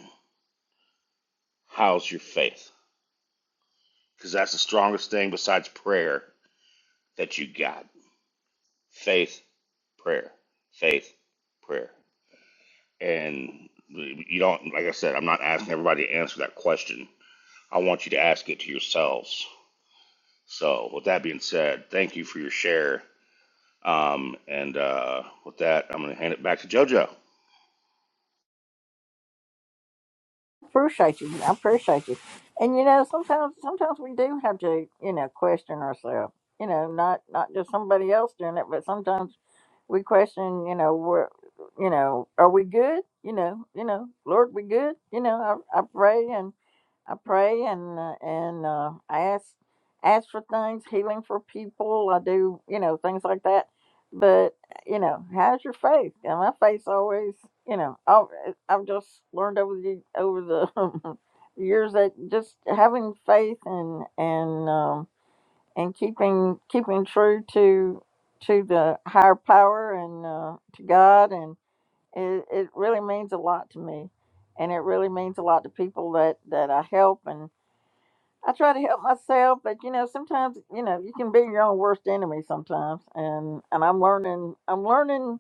How's your faith? because that's the strongest thing besides prayer that you got faith prayer faith prayer and you don't like i said i'm not asking everybody to answer that question i want you to ask it to yourselves so with that being said thank you for your share um, and uh, with that i'm going to hand it back to jojo
Appreciate you. I appreciate you. And you know, sometimes sometimes we do have to, you know, question ourselves. You know, not not just somebody else doing it, but sometimes we question, you know, where you know, are we good? You know, you know, Lord, we good? You know, I, I pray I pray and uh, and uh, I ask ask for things, healing for people. I do, you know, things like that. But you know, how's your faith? And my faith's always, you know, I've, I've just learned over the over the years that just having faith and and um, and keeping keeping true to to the higher power and uh, to God and it, it really means a lot to me and it really means a lot to people that that I help and I try to help myself, but you know, sometimes you know you can be your own worst enemy sometimes, and and I'm learning I'm learning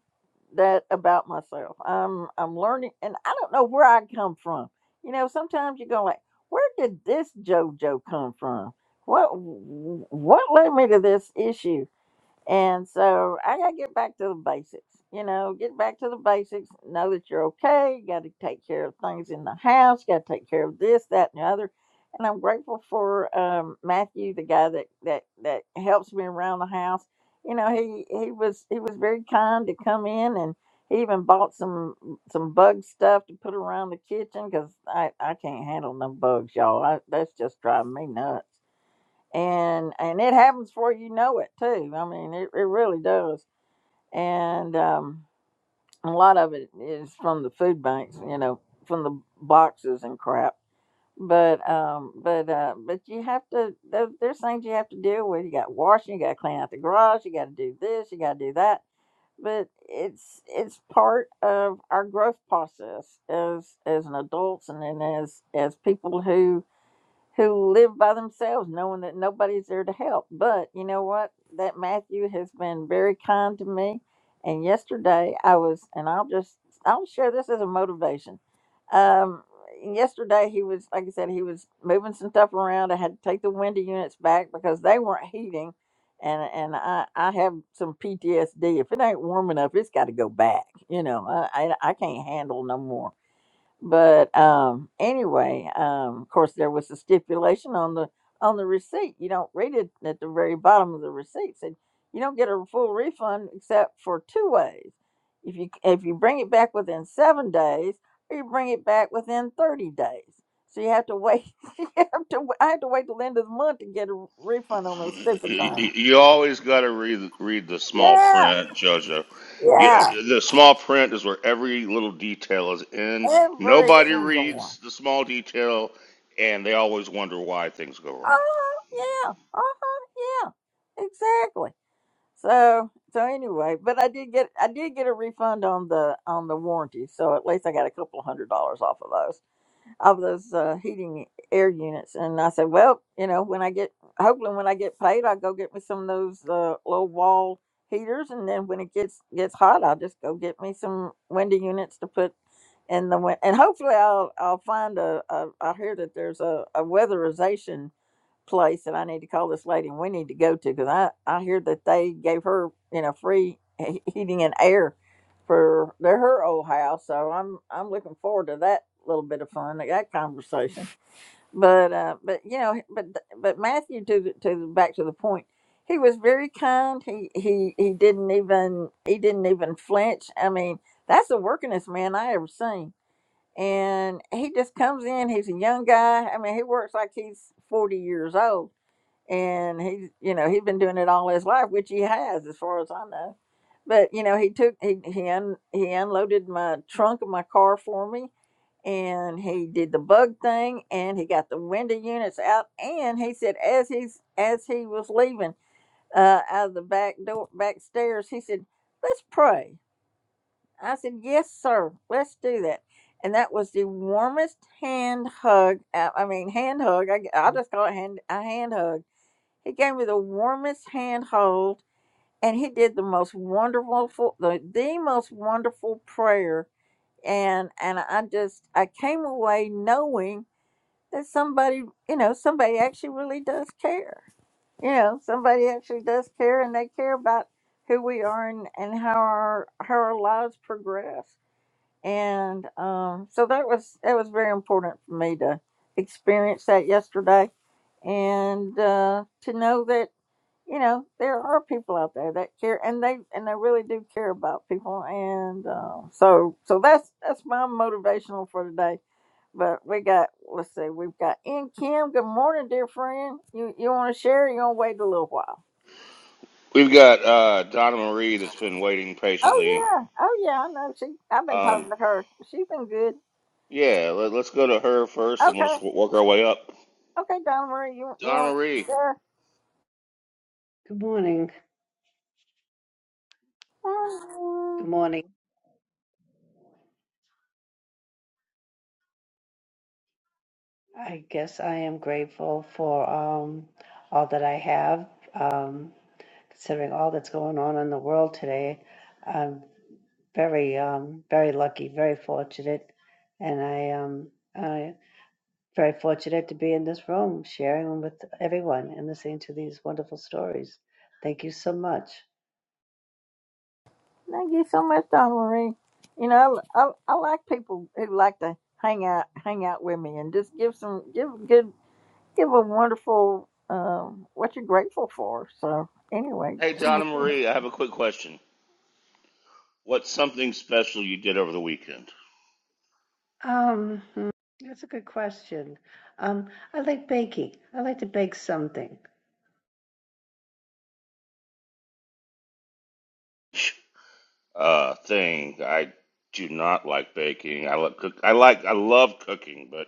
that about myself. I'm I'm learning, and I don't know where I come from. You know, sometimes you go like, where did this JoJo come from? What what led me to this issue? And so I got to get back to the basics. You know, get back to the basics. Know that you're okay. got to take care of things in the house. Got to take care of this, that, and the other. And I'm grateful for um, Matthew, the guy that, that that helps me around the house. You know, he he was he was very kind to come in, and he even bought some some bug stuff to put around the kitchen because I I can't handle no bugs, y'all. I, that's just driving me nuts and and it happens before you know it too. I mean, it, it really does. And um, a lot of it is from the food banks, you know, from the boxes and crap. But um, but uh, but you have to. There, there's things you have to deal with. You got washing. You got to clean out the garage. You got to do this. You got to do that. But it's it's part of our growth process as as an adults and then as as people who who live by themselves knowing that nobody's there to help. But you know what? That Matthew has been very kind to me. And yesterday I was, and I'll just, I'll share this as a motivation. Um, yesterday he was, like I said, he was moving some stuff around. I had to take the window units back because they weren't heating. And, and I, I have some PTSD. If it ain't warm enough, it's got to go back. You know, I, I, I can't handle no more. But um, anyway, um, of course, there was a stipulation on the on the receipt. You don't read it at the very bottom of the receipt. Said you don't get a full refund except for two ways: if you if you bring it back within seven days, or you bring it back within thirty days. So you have to wait. You have to. I have to wait till the end of the month to get a refund on those
you,
stupid things.
you always got to read read the small
Yeah,
print, Jojo.
yeah,
Yeah, the small print is where every little detail is in.
every
Nobody
single
reads
one.
the small detail, and they always wonder why things go
Uh
wrong.
huh. Yeah. Uh huh. Yeah. Exactly. So so anyway, but I did get I did get a refund on the on the warranty, so at least I got a couple hundred dollars off of those of those uh, heating air units. And I said, well, you know, when I get hopefully when I get paid, I'll go get me some of those uh, little wall heaters, and then when it gets gets hot, I'll just go get me some window units to put in the win- and hopefully I'll I'll find a, a I hear that there's a, a weatherization place that I need to call this lady and we need to go to because I, I hear that they gave her, you know, free he- heating and air for their her old house. So I'm I'm looking forward to that little bit of fun, like that conversation. But uh, but you know, but but Matthew to the, to the, back to the point, he was very kind. He he he didn't even he didn't even flinch. I mean, that's the workingest man I ever seen. And he just comes in. He's a young guy. I mean, he works like he's forty years old and he you know he'd been doing it all his life which he has as far as i know but you know he took he he, un, he unloaded my trunk of my car for me and he did the bug thing and he got the window units out and he said as he's as he was leaving uh out of the back door back stairs he said let's pray i said yes sir let's do that and that was the warmest hand hug i I mean hand hug i, I just call it hand a hand hug he gave me the warmest handhold, and he did the most wonderful, the, the most wonderful prayer. And and I just I came away knowing that somebody, you know, somebody actually really does care. You know, somebody actually does care, and they care about who we are and, and how our how our lives progress. And um, so that was that was very important for me to experience that yesterday, and uh, to know that you know there are people out there that care and they and they really do care about people and uh, so so that's that's my motivational for today but we got let's see we've got in kim good morning dear friend you you want to share or you want to wait a little while
We've got uh, Donna Marie that's been waiting
oh
patiently.
yeah oh yeah i know she i've been talking
Um,
to her she's been good
yeah, let, let's go to her first, and we'll just
okay
w- work our way up.
okay donna marie you, you
Donna
want to
Marie.
Good morning.
share
Good morning. I guess I am grateful for um, all that I have. Um, considering all that's going on in the world today, I'm very, um, very lucky, very fortunate, and I um, I very fortunate to be in this room sharing with everyone and listening to these wonderful stories. Thank you so much.
Thank you so much, Donna Marie. You know, I, I, I like people who like to hang out, hang out with me, and just give some, give a good, give a wonderful, um, what you're grateful for. So anyway,
Hey, Donna Marie, I have a quick question. What's something special you did over the weekend?
Um, hmm, that's a good question. Um, I like baking. I like to bake something.
uh, thing. I do not like baking. I like cook. I like. I love cooking, but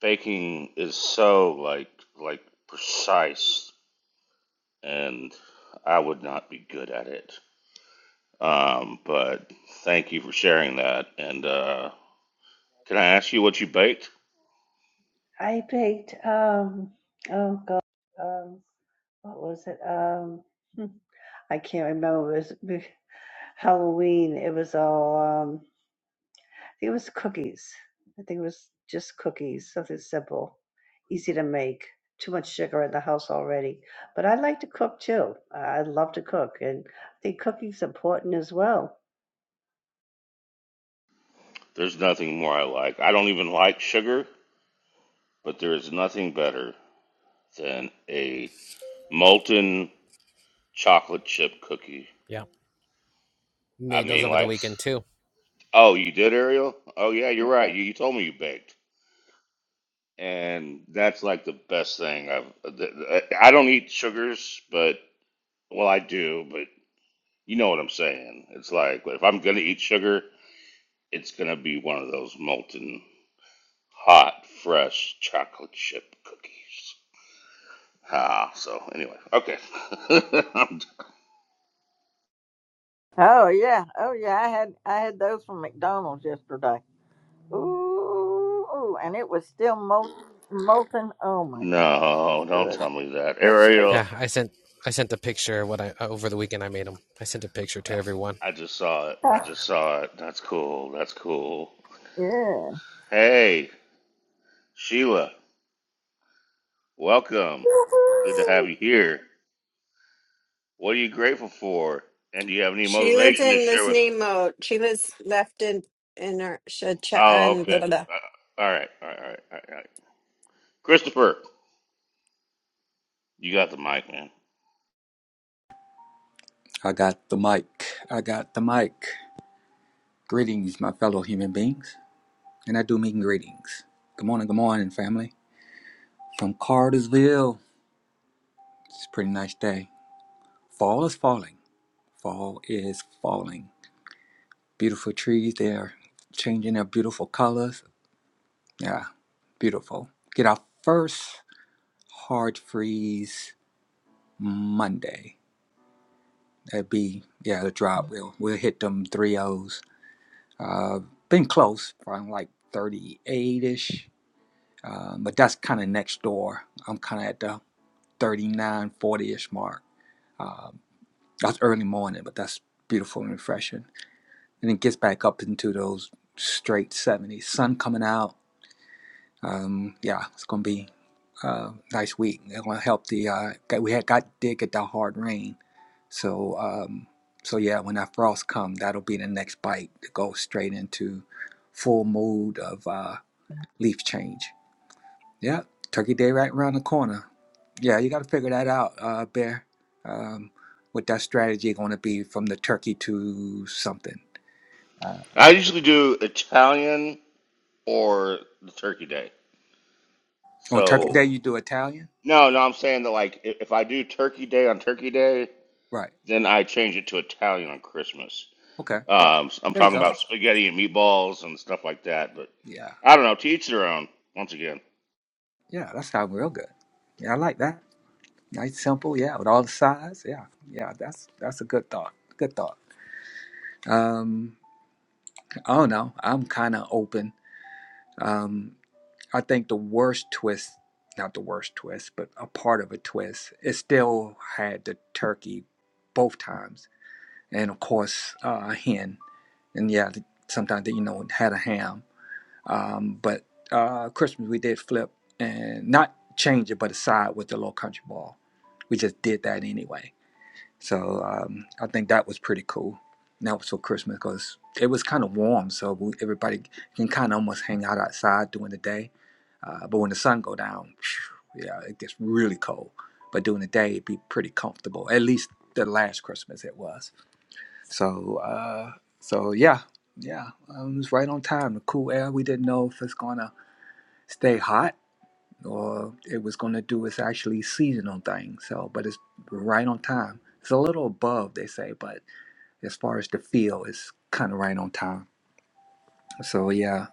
baking is so like like precise, and I would not be good at it. Um, but thank you for sharing that. And uh, can I ask you what you baked?
I baked um oh god um what was it um hmm, I can't remember it was be- Halloween it was all um I think it was cookies I think it was just cookies something simple easy to make too much sugar in the house already but I like to cook too I I love to cook and I think cooking's important as well
There's nothing more I like. I don't even like sugar, but there is nothing better than a molten chocolate chip cookie.
Yeah.
I
Made those
mean,
over the
like.
weekend too.
Oh, you did, Ariel? Oh, yeah, you're right. You, you told me you baked. And that's like the best thing I've. uh, th- th- uh, I don't eat sugars, but, well, I do, but you know what I'm saying. It's like, if I'm going to eat sugar, it's going to be one of those molten, hot, fresh chocolate chip cookies. Ah, so anyway, okay. I'm-
oh yeah, oh yeah, I had, I had those from McDonald's yesterday. Ooh, ooh, and it was still molten, molten. Oh my gosh, it was
no, don't
good.
tell me that. Ariel,
Yeah, I sent I sent a picture of what I uh, over the weekend I made them. I sent a picture to everyone.
I just saw it. I just saw it. That's cool. That's cool.
Yeah.
Hey. Sheila, welcome. Good to
Woohoo.
have you here. What are you grateful for? And do you have any
Sheila's
motivation to
in
share with?
listening mode. Sheila's left in in her sh- ch-
Oh,
and blah,
okay.
blah, blah.
Uh, all right, all right, all right, all right. right. Christopher, you got the mic, man.
I got the mic. I got the mic. Greetings, my fellow human beings, and I do mean greetings. Good morning, good morning, family. From Cartersville. It's a pretty nice day. Fall is falling. Fall is falling. Beautiful trees. They're changing their beautiful colors. Yeah, beautiful. Get our first hard freeze Monday. That'd be, yeah, the drop. We'll, we'll hit them three O's. Uh, been close, around like 38 ish. Uh, but that's kind of next door. I'm kind of at the 39, 40 ish mark. Um, that's early morning, but that's beautiful and refreshing. And it gets back up into those straight 70s. Sun coming out, Um, yeah, it's gonna be a nice week. It's gonna help the uh, get, we had got did get that hard rain, so um, so yeah, when that frost come, that'll be the next bite to go straight into full mode of uh, leaf change. Yeah, Turkey Day right around the corner. Yeah, you got to figure that out, uh, Bear. Um, what that strategy going to be from the turkey to something? Uh,
I usually do Italian or the Turkey Day.
on Turkey Day,
So
you do Italian,
no, no, I'm saying that like i- if I do Turkey Day on Turkey Day,
right?
then I change it to Italian on Christmas.
Okay,
Um, I'm
there you
talking
go.
about spaghetti and meatballs and stuff like that. But
Yeah.
I don't know. To each their own. Once again,
Yeah, that sounds real good. Yeah, I like that. Nice, simple. Yeah, with all the sides. Yeah, yeah, that's that's a good thought. Good thought. Um, I don't know. I'm kind of open. Um, I think the worst twist, not the worst twist, but a part of a twist, it still had the turkey both times, and of course uh, a hen, and yeah, sometimes they, you know had a ham. Um, but uh, Christmas we did flip and not change it, but aside with the little country ball. We just did that anyway. So um, I think that was pretty cool. And that was for Christmas because it was kind of warm, so we, everybody can kind of almost hang out outside during the day. Uh, but when the sun go down, phew, yeah, it gets really cold. But during the day, it'd be pretty comfortable. At least the last Christmas it was. So uh, so yeah, yeah, um, it was right on time. The cool air. We didn't know if it's gonna stay hot or it was going to do its actually seasonal thing. So, but it's right on time. It's a little above, they say, but as far as the feel, it's kind of right on time. So, yeah.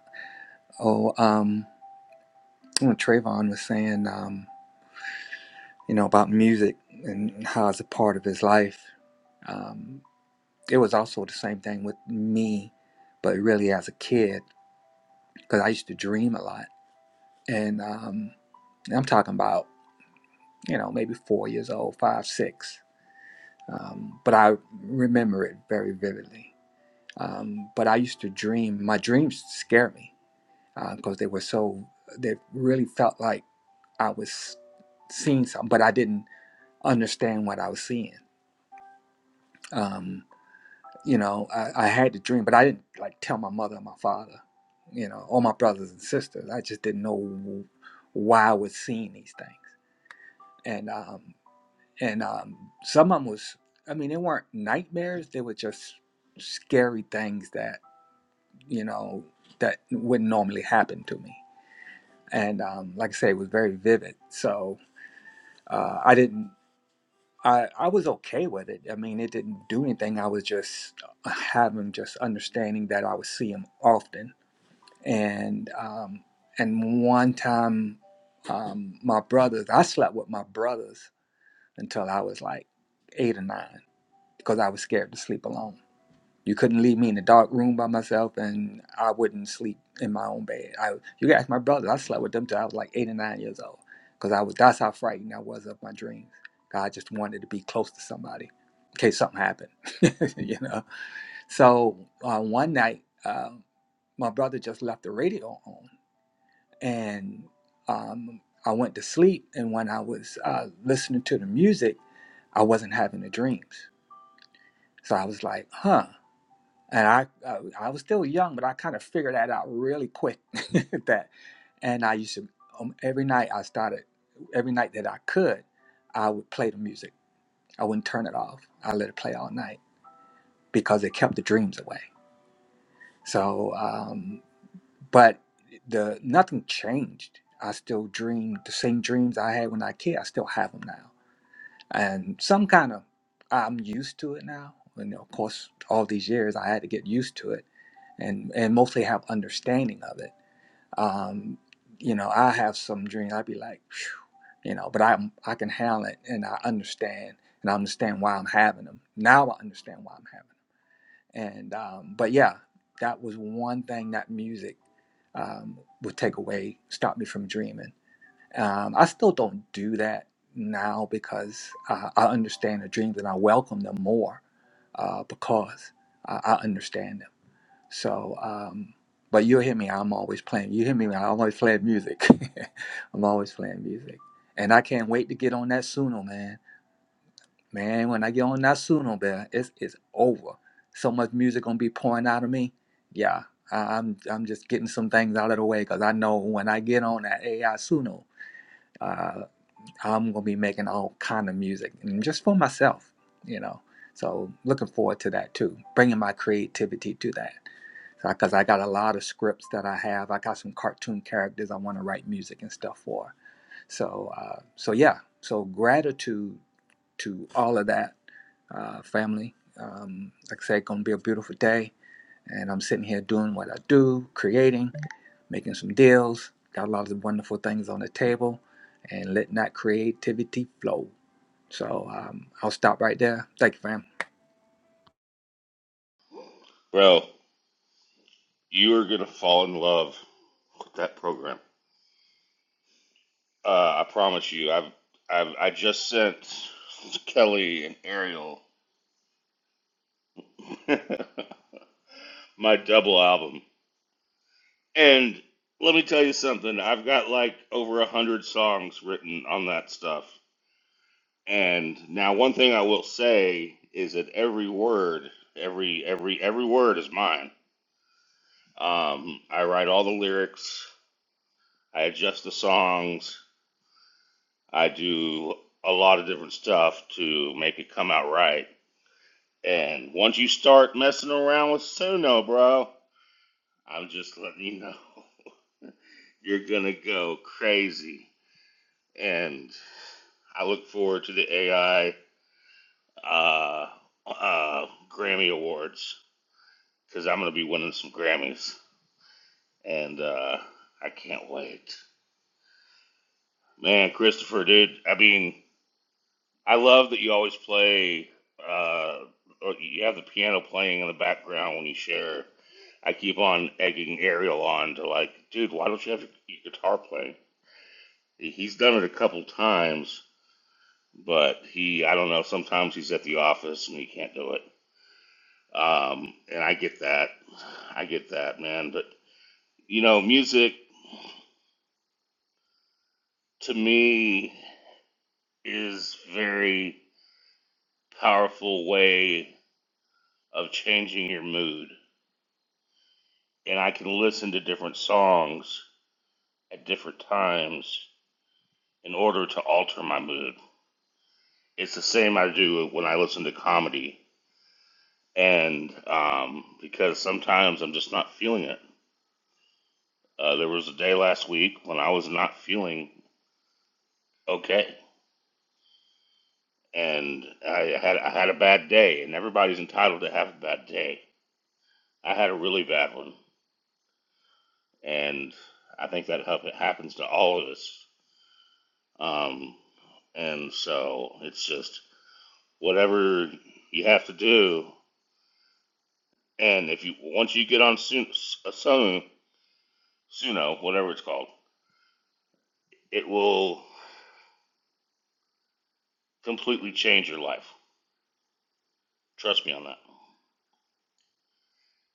Oh, um, you know, Trayvon was saying, um, you know, about music and how it's a part of his life. Um, it was also the same thing with me, but really as a kid, because I used to dream a lot. And um, I'm talking about, you know, maybe four years old, five, six um, but I remember it very vividly. Um, but I used to dream. My dreams scared me because uh, they were so. They really felt like I was seeing something, but I didn't understand what I was seeing. Um, you know, I, I had the dream, but I didn't like tell my mother and my father. You know, or my brothers and sisters. I just didn't know why I was seeing these things, and um, and um, some of them was i mean they weren't nightmares they were just scary things that you know that wouldn't normally happen to me and um, like i say it was very vivid so uh, i didn't I, I was okay with it. I mean, it didn't do anything. I was just having just understanding that I would see him often. And um, and one time, um, my brothers, I slept with my brothers until I was like eight or nine because I was scared to sleep alone. You couldn't leave me in a dark room by myself, and I wouldn't sleep in my own bed. I, you guys, my brothers, I slept with them till I was like eight or nine years old, because I was that's how frightened I was of my dreams. I just wanted to be close to somebody in case something happened, you know. So uh, one night, uh, my brother just left the radio on, and um, I went to sleep. And when I was uh, listening to the music, I wasn't having the dreams. So I was like, huh and I uh, I was still young, but I kind of figured that out really quick. that, and I used to um, every night I started every night that I could, I would play the music. I wouldn't turn it off. I let it play all night because it kept the dreams away. So, um, but the nothing changed. I still dream the same dreams I had when I was a kid. I still have them now and some kind of I'm used to it now. And of course, all these years I had to get used to it, and and mostly have understanding of it. Um, you know, I have some dreams. I'd be like, "Phew," you know, but I am I can handle it, and I understand, and I understand why I'm having them. Now I understand why I'm having. Them. And um, but yeah, that was one thing that music um, would take away, stop me from dreaming um, I still don't do that now because I, I understand the dreams and I welcome them more uh, because I, I understand them. So, um, but you'll hear me. I'm always playing. You hear me? I'm always playing music. I'm always playing music, and I can't wait to get on that Suno, man. Man, when I get on that Suno, man, it's it's over. So much music gonna be pouring out of me. Yeah, I, I'm I'm just getting some things out of the way because I know when I get on that AI Suno. uh, I'm gonna be making all kind of music and just for myself, you know. So looking forward to that too, bringing my creativity to that. Because I got a lot of scripts that I have. I got some cartoon characters I want to write music and stuff for. So, uh, so yeah. So gratitude to all of that uh, family. Um, like I said, gonna be a beautiful day, and I'm sitting here doing what I do, creating, making some deals. Got a lot of wonderful things on the table, and letting that creativity flow. So um, I'll stop right there. Thank you, fam.
bro. You are gonna fall in love with that program. Uh, I promise you. I've I've I just sent Kelly and Ariel my double album, and let me tell you something. I've got like over a hundred songs written on that stuff. And now, one thing I will say is that every word, every every every word is mine. Um, I write all the lyrics. I adjust the songs. I do a lot of different stuff to make it come out right. And once you start messing around with Suno, bro, I'm just letting you know you're gonna go crazy. And I look forward to the AI uh, uh, Grammy Awards because I'm gonna be winning some Grammys, and uh, I can't wait. Man, Christopher, dude, I mean. I love that you always play. Uh, or you have the piano playing in the background when you share. I keep on egging Ariel on to like, dude, why don't you have your, your guitar playing? He's done it a couple times, but he, I don't know. Sometimes he's at the office and he can't do it. Um, and I get that. I get that, man. But you know, music to me is very powerful way of changing your mood and I can listen to different songs at different times in order to alter my mood. It's the same I do when I listen to comedy, and um, because sometimes I'm just not feeling it. Uh, there was a day last week when I was not feeling okay, and I had I had a bad day, and everybody's entitled to have a bad day. I had a really bad one, and I think that hap- happens to all of us. Um, and so it's just whatever you have to do. And if you once you get on Su- uh, Suno, Suno, whatever it's called, it will completely change your life. Trust me on that.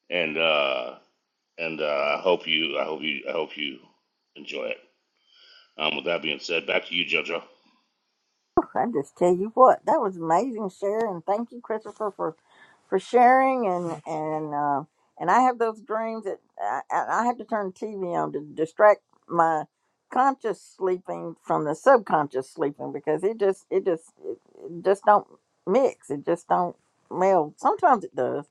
And uh, and uh, I hope you, I hope you, I hope you enjoy it. Um, with that being said, back to you, JoJo.
I just tell you what, that was amazing, Sharon. Thank you, Christopher, for for sharing and and uh, and I have those dreams that I, I I have to turn TV on to distract my conscious sleeping from the subconscious sleeping because it just it just it, it just don't mix. It just don't meld. Sometimes it does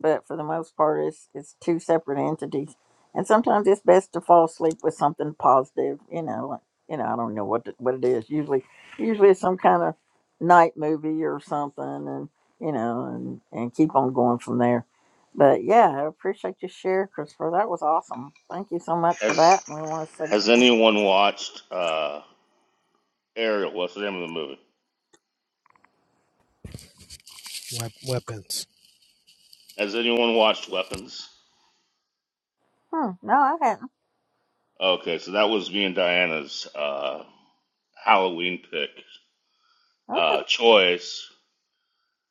but for the most part, it's it's two separate entities. And sometimes it's best to fall asleep with something positive. You know, like, you know, I don't know what what it is. Usually, usually it's some kind of night movie or something, and you know, and and keep on going from there. But yeah, I appreciate your share, Christopher. That was awesome. Thank you so much for
Has
that. And we want to say,
Has anyone watched uh, Ariel? What's the name of the movie?
Wep- weapons.
Has anyone watched Weapons?
hmm, no, I hadn't.
Okay, so that was me and Diana's uh, Halloween pick
Okay.
uh, choice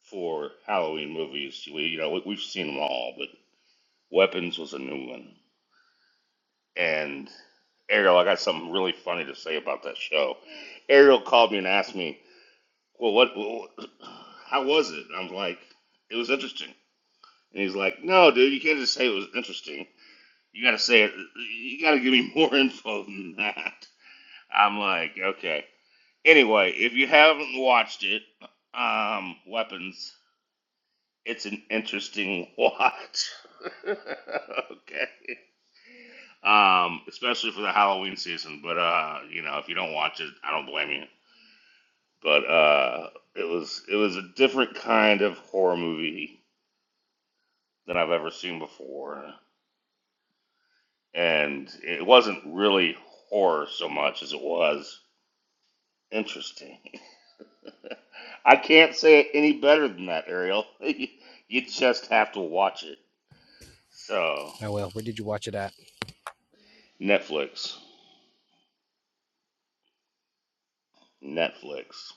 for Halloween movies. We, you know, we, we've seen them all, but Weapons was a new one. And Ariel, I got something really funny to say about that show. Ariel called me and asked me, "Well, what? what how was it?" And I'm like, "It was interesting." And he's like, "No, dude, you can't just say it was interesting. You got to say it. You got to give me more info than that." I'm like, "Okay." Anyway, if you haven't watched it, um, Weapons. It's an interesting watch. okay. Um, especially for the Halloween season. But uh, you know, if you don't watch it, I don't blame you. But uh, it was it was a different kind of horror movie than I've ever seen before, and it wasn't really horror so much as it was interesting. I can't say it any better than that, Ariel. you just have to watch it. So
I will. Where did you watch it at?
Netflix, Netflix.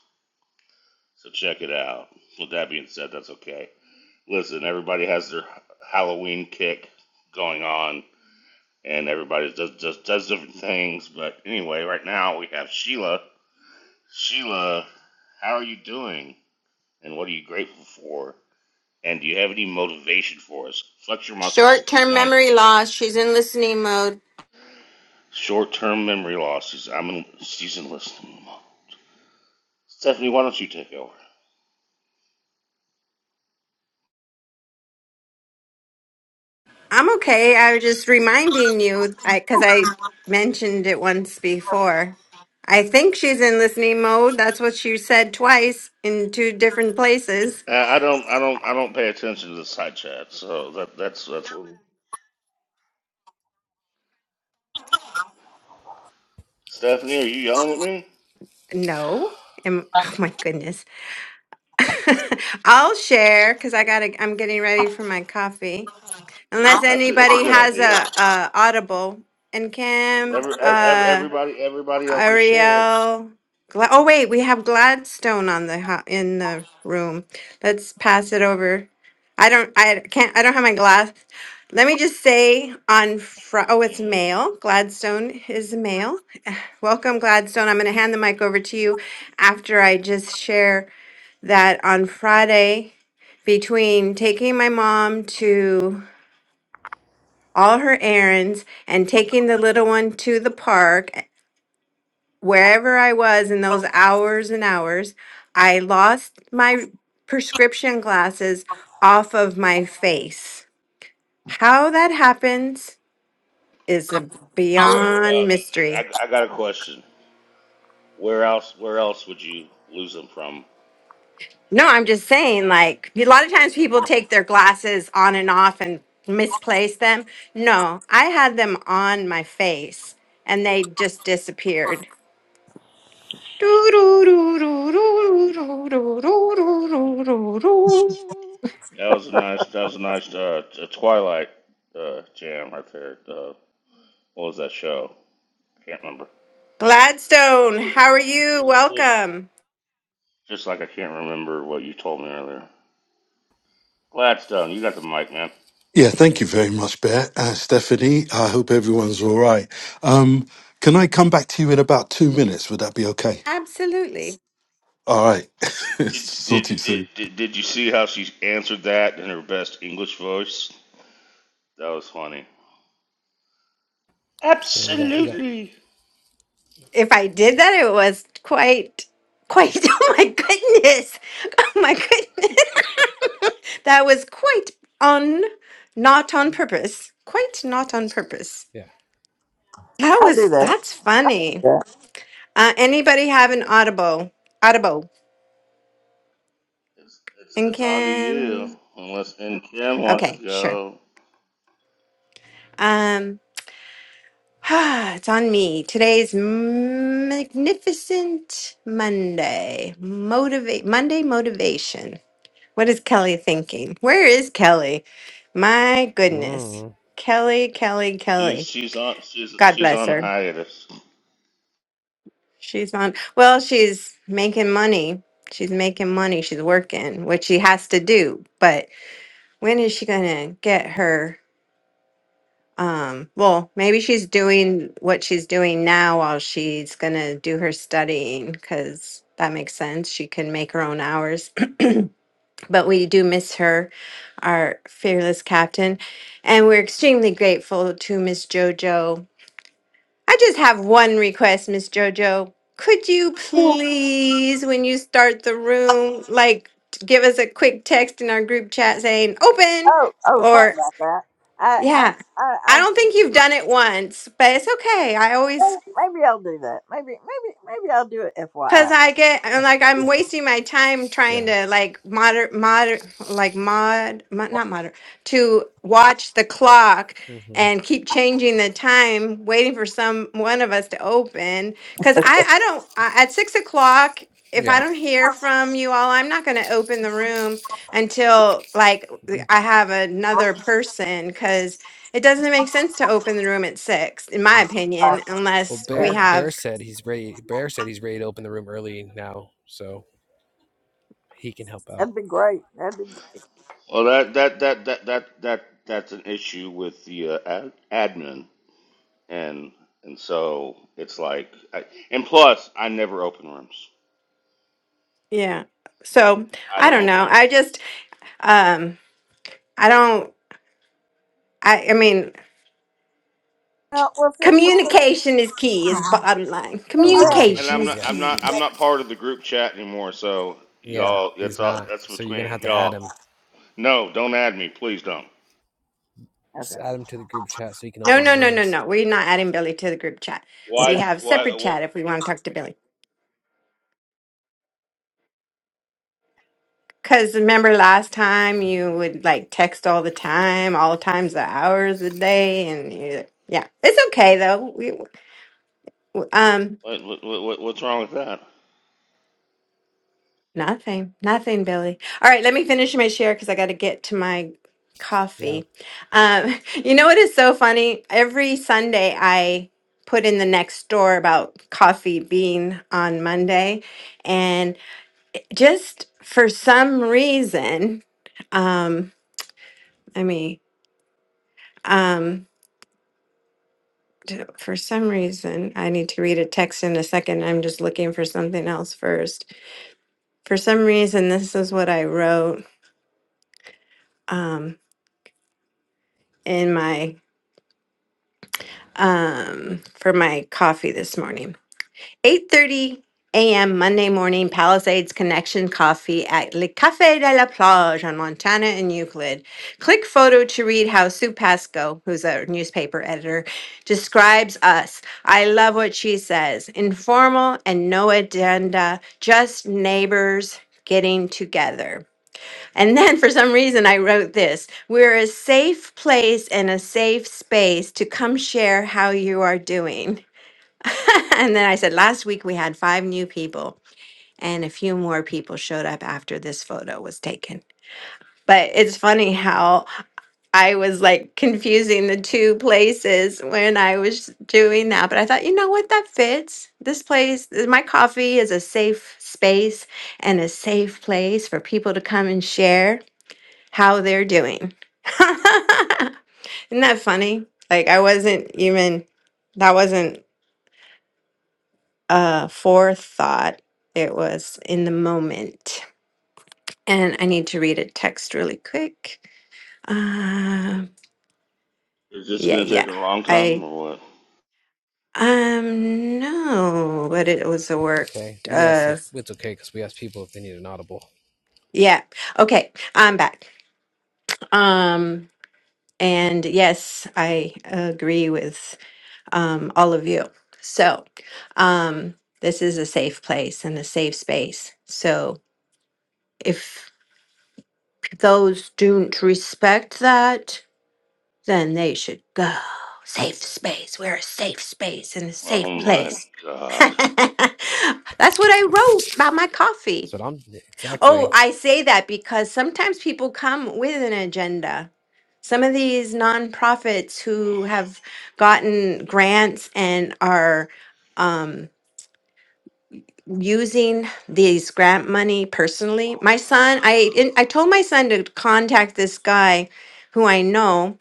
So check it out. With that being said, that's okay. Listen, everybody has their Halloween kick going on, and everybody does does, does different things. But anyway, right now we have Sheila. Sheila, how are you doing? And what are you grateful for? And do you have any motivation for us? Flex your muscles. Come
short-term
on.
memory loss. She's in listening mode.
Short-term memory losses. I'm in season listening. Stephanie, why don't you take over?
I'm okay. I was just reminding you because I mentioned it once before. I think she's in listening mode. That's what she said twice in two different places.
Uh, I don't, I don't, I don't pay attention to the side chat. So that that's that's what. Stephanie, are you yelling at me?
No. Am, oh my goodness. I'll share because I gotta. I'm getting ready for my coffee. unless
I
That's a, that's a
anybody
good
has
idea.
a, a audible and kim
Every, every,
uh
everybody everybody else is shared.
ariel Gla- oh wait we have gladstone on the ho- in the room let's pass it over i don't i can't i don't have my glass let me just say on fr- oh it's
Mhm.
male gladstone is male welcome gladstone i'm going to hand the mic over to you after i just share that on friday between taking my mom to all her errands, and taking the little one to the park. Wherever I was in those hours and hours, I lost my prescription glasses off of my face. How that happens is a
Where
beyond
uh,
mystery.
I, I got a question. Where else where else would you lose them from?
No, I'm just saying, like, a lot of times people take their glasses on and off and misplace them. No, I had them on my face and they just disappeared. Gladstone,
That was a nice that was a nice uh, t- Twilight uh, jam right there. Uh, what was that show? Can't remember.
how are you? Welcome.
Just like I can't remember what you told me earlier. Gladstone, you got the mic, man.
Yeah, thank you very much, Bear. Uh, Stephanie, I hope everyone's all right. Um, can I come back to you in about two minutes? Would that be okay?
Absolutely.
All right.
Did did
Sort you
did,
soon.
did, did you see how she answered that in her best English voice? That was funny.
Yeah, we got we got
Absolutely.
If I did that, it was quite, quite, oh my goodness. Oh my goodness. that was quite on, not on purpose. Quite not on purpose.
yeah.
That
do
was,
that.
that's funny.
Yeah.
Uh, anybody have an audible? Audible.
It's it's,
And
it's on to you.
Kim?
Unless and Kim wants to
Okay, sure.
go.
Um, Ah, it's on me. Today's magnificent Monday. Motivate Monday motivation. What is Kelly thinking? Where is Kelly? My goodness.
Mm,
Kelly, Kelly,
She's
Kelly.
she's on she's
God
she's
bless
on
her.
hiatus.
She's on well, she's making money. She's making money. She's working, which she has to do. But when is she gonna get her? Um, well, maybe she's doing what she's doing now while she's gonna do her studying because that makes sense. She can make her own hours, but we do miss her, our fearless captain, and we're extremely grateful to Miss JoJo. I just have one request, Miss JoJo. Could you please, when you start the room, like t- give us a quick text in our group chat saying open?
Oh, oh, sorry
or?
about that. I,
Yeah.
I, I,
I don't think you've done it once, but it's okay. I always
Well, Maybe I'll do that. Maybe, maybe, maybe I'll do it.
Cause
FYI,
I get I'm like I'm wasting my time trying
yeah.
to like moder moder like mod, mod not moder to watch the clock
hmm
and keep changing the time, waiting for some one of us to open. Cause I I don't I, at six o'clock if I
Yeah.
don't hear from you all, I'm not gonna open the room until like I have another person. Cause it doesn't make sense to open the room at six, in my opinion,
Well,
unless
Right.
we
Bear Bear
have.
said he's ready. Bear said he's ready to open the room early now, so he can help out.
that'd be great. That'd be.
Well, that that that that that that that's an issue with the uh, ad, admin, and and so it's like, I, and plus, I never open rooms.
Yeah. So
I
I
don't
don't
open
know. I
rooms,
just um I don't I I mean
No, we'll see. We'll see.
communication is key is bottom line.
We'll see.
Oh,
Exactly.
and
Communication
I'm
communication.
is
not I'm
Yes.
not
key.
I'm not part of the group chat anymore. So
Yeah,
y'all, that's
he's
all
not.
that's
So you're
between
gonna have to add
y'all.
him.
No, don't add me, please don't.
Just
Okay.
add him to the group chat so he can
No,
open the
no, no, no,
rooms.
no. We're not adding Billy to the group chat.
Why?
We have separate
Why?
chat if we want to talk to Billy. Cause remember last time you would like text all the time, all times the hours the day and you yeah. It's okay though. We, um
What, what, what, what's wrong with that?
Nothing, nothing, Billy. All right, let me finish my share because I got to get to my
Yeah,
coffee. Um, you know what is so funny? Every Sunday, I put in the next door about coffee being on Monday, and just for some reason, um, I mean, um, d- for some reason, I need to read a text in a second. I'm just looking for something else first. For some reason, this is what I wrote. Um, in my um, for my coffee this morning. 8.30 a.m. Monday morning, Palisades Connection Coffee at Le Café de la Plage on Montana and Euclid. Click photo to read how Sue Pasco, who's a newspaper editor, describes us. I love what she says. Informal and no agenda, just neighbors getting together. And then for some reason, I wrote this We're a safe place and a safe space to come share how you are doing. and then I said, Last week we had five new people, and a few more people showed up after this photo was taken. But it's funny how I was like confusing the two places when I was doing that. But I thought, you know what? That fits. This place, my coffee is a safe space and a safe place for people to come and share how they're doing. Isn't that funny? Like I wasn't even that wasn't a forethought. It was in the moment. And I need to read a text really quick. Um
Is this
yeah,
going to take
yeah.
a long
I
time or what?
um no, but it was a
it's
work
okay. We asked if
of
well, it's okay because we asked people if they need an audible.
yeah. Okay, I'm back. Um and yes, I agree with um, all of you. So, um, this is a safe place and a safe space. So, if those don't respect that, then they should go. Safe space. We're a safe space and a safe
Oh my
place.
God.
That's what I wrote about my coffee.
So I'm
Oh,
exactly
I say that because sometimes people come with an agenda. Some of these nonprofits who have gotten grants and are um, using these grant money personally. My son, I and I told my son to contact this guy who I know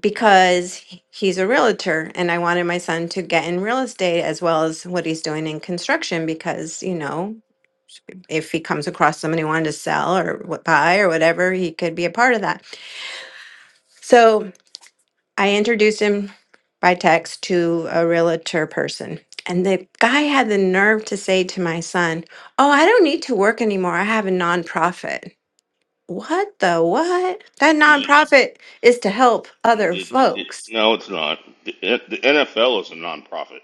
because he- he's a realtor and I wanted my son to get in real estate as well as what he's doing in construction because, you know, if he comes across somebody who wanted to sell or what buy or whatever, he could be a part of that. So I introduced him by text to a realtor person. And the guy had the nerve to say to my son, Oh, I don't need to work anymore. I have a nonprofit. What the what? That
Did you,
nonprofit is to help other
did, did,
folks.
no, it's not. The, the NFL is a nonprofit.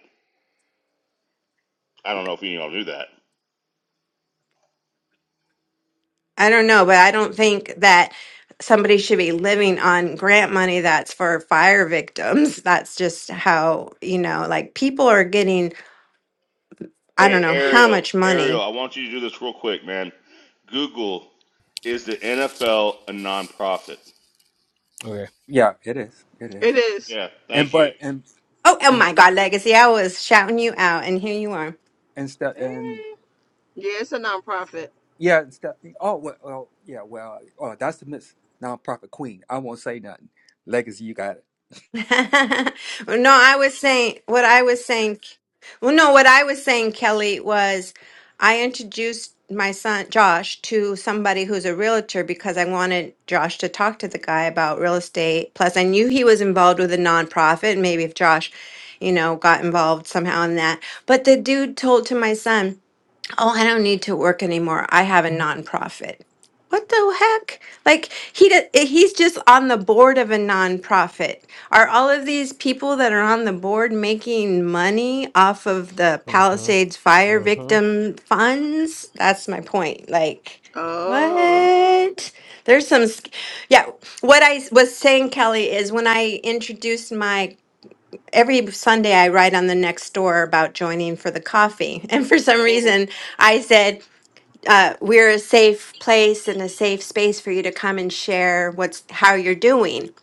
I don't know if any of y'all knew that.
I don't know, but I don't think that somebody should be living on grant money that's for fire victims. That's just how, you know, like people are getting, I don't
Hey,
know how
Ariel,
much
Ariel,
money.
I want you to do this real quick, man. Google, is the NFL a nonprofit?
okay.
Yeah, it is. It
It
is.
is.
Yeah,
And
thank you.
but and
Oh, oh
and
my God, Legacy, I was shouting you out, and here you are.
and Steph and
Yeah, it's a nonprofit.
yeah, and Stephanie. Oh well, well, yeah, well. Oh, that's the Miss Nonprofit Queen. I won't say nothing. Legacy, you got it.
no, I was saying what I was saying. Well, no, what I was saying, Kelly, was I introduced my son Josh to somebody who's a realtor because I wanted Josh to talk to the guy about real estate. Plus, I knew he was involved with a nonprofit. Maybe if Josh, you know, got involved somehow in that. But the dude told to my son. Oh, I don't need to work anymore. I have a nonprofit. What the heck? Like he d- eh, he's just on the board of a nonprofit. Are all of these people that are on the board making money off of the
Mm-hmm.
Palisades fire
Mm-hmm.
victim funds? That's my point. Like
Oh.
what? There's some sc- Yeah, what I s- was saying Kelly is when I introduced my every Sunday I write on the next door about joining for the coffee. And for some
Mhm.
reason, I said, uh, we're a safe place and a safe space for you to come and share what's how you're doing.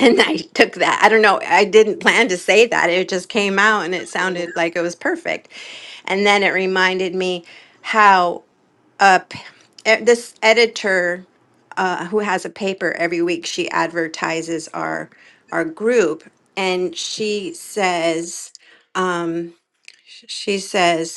And I took that. I don't know. I didn't plan to say that. It just came out and it sounded like it was perfect. And then it reminded me how uh, e- this editor uh, who has a paper every week she advertises our our group and she says um, sh- she says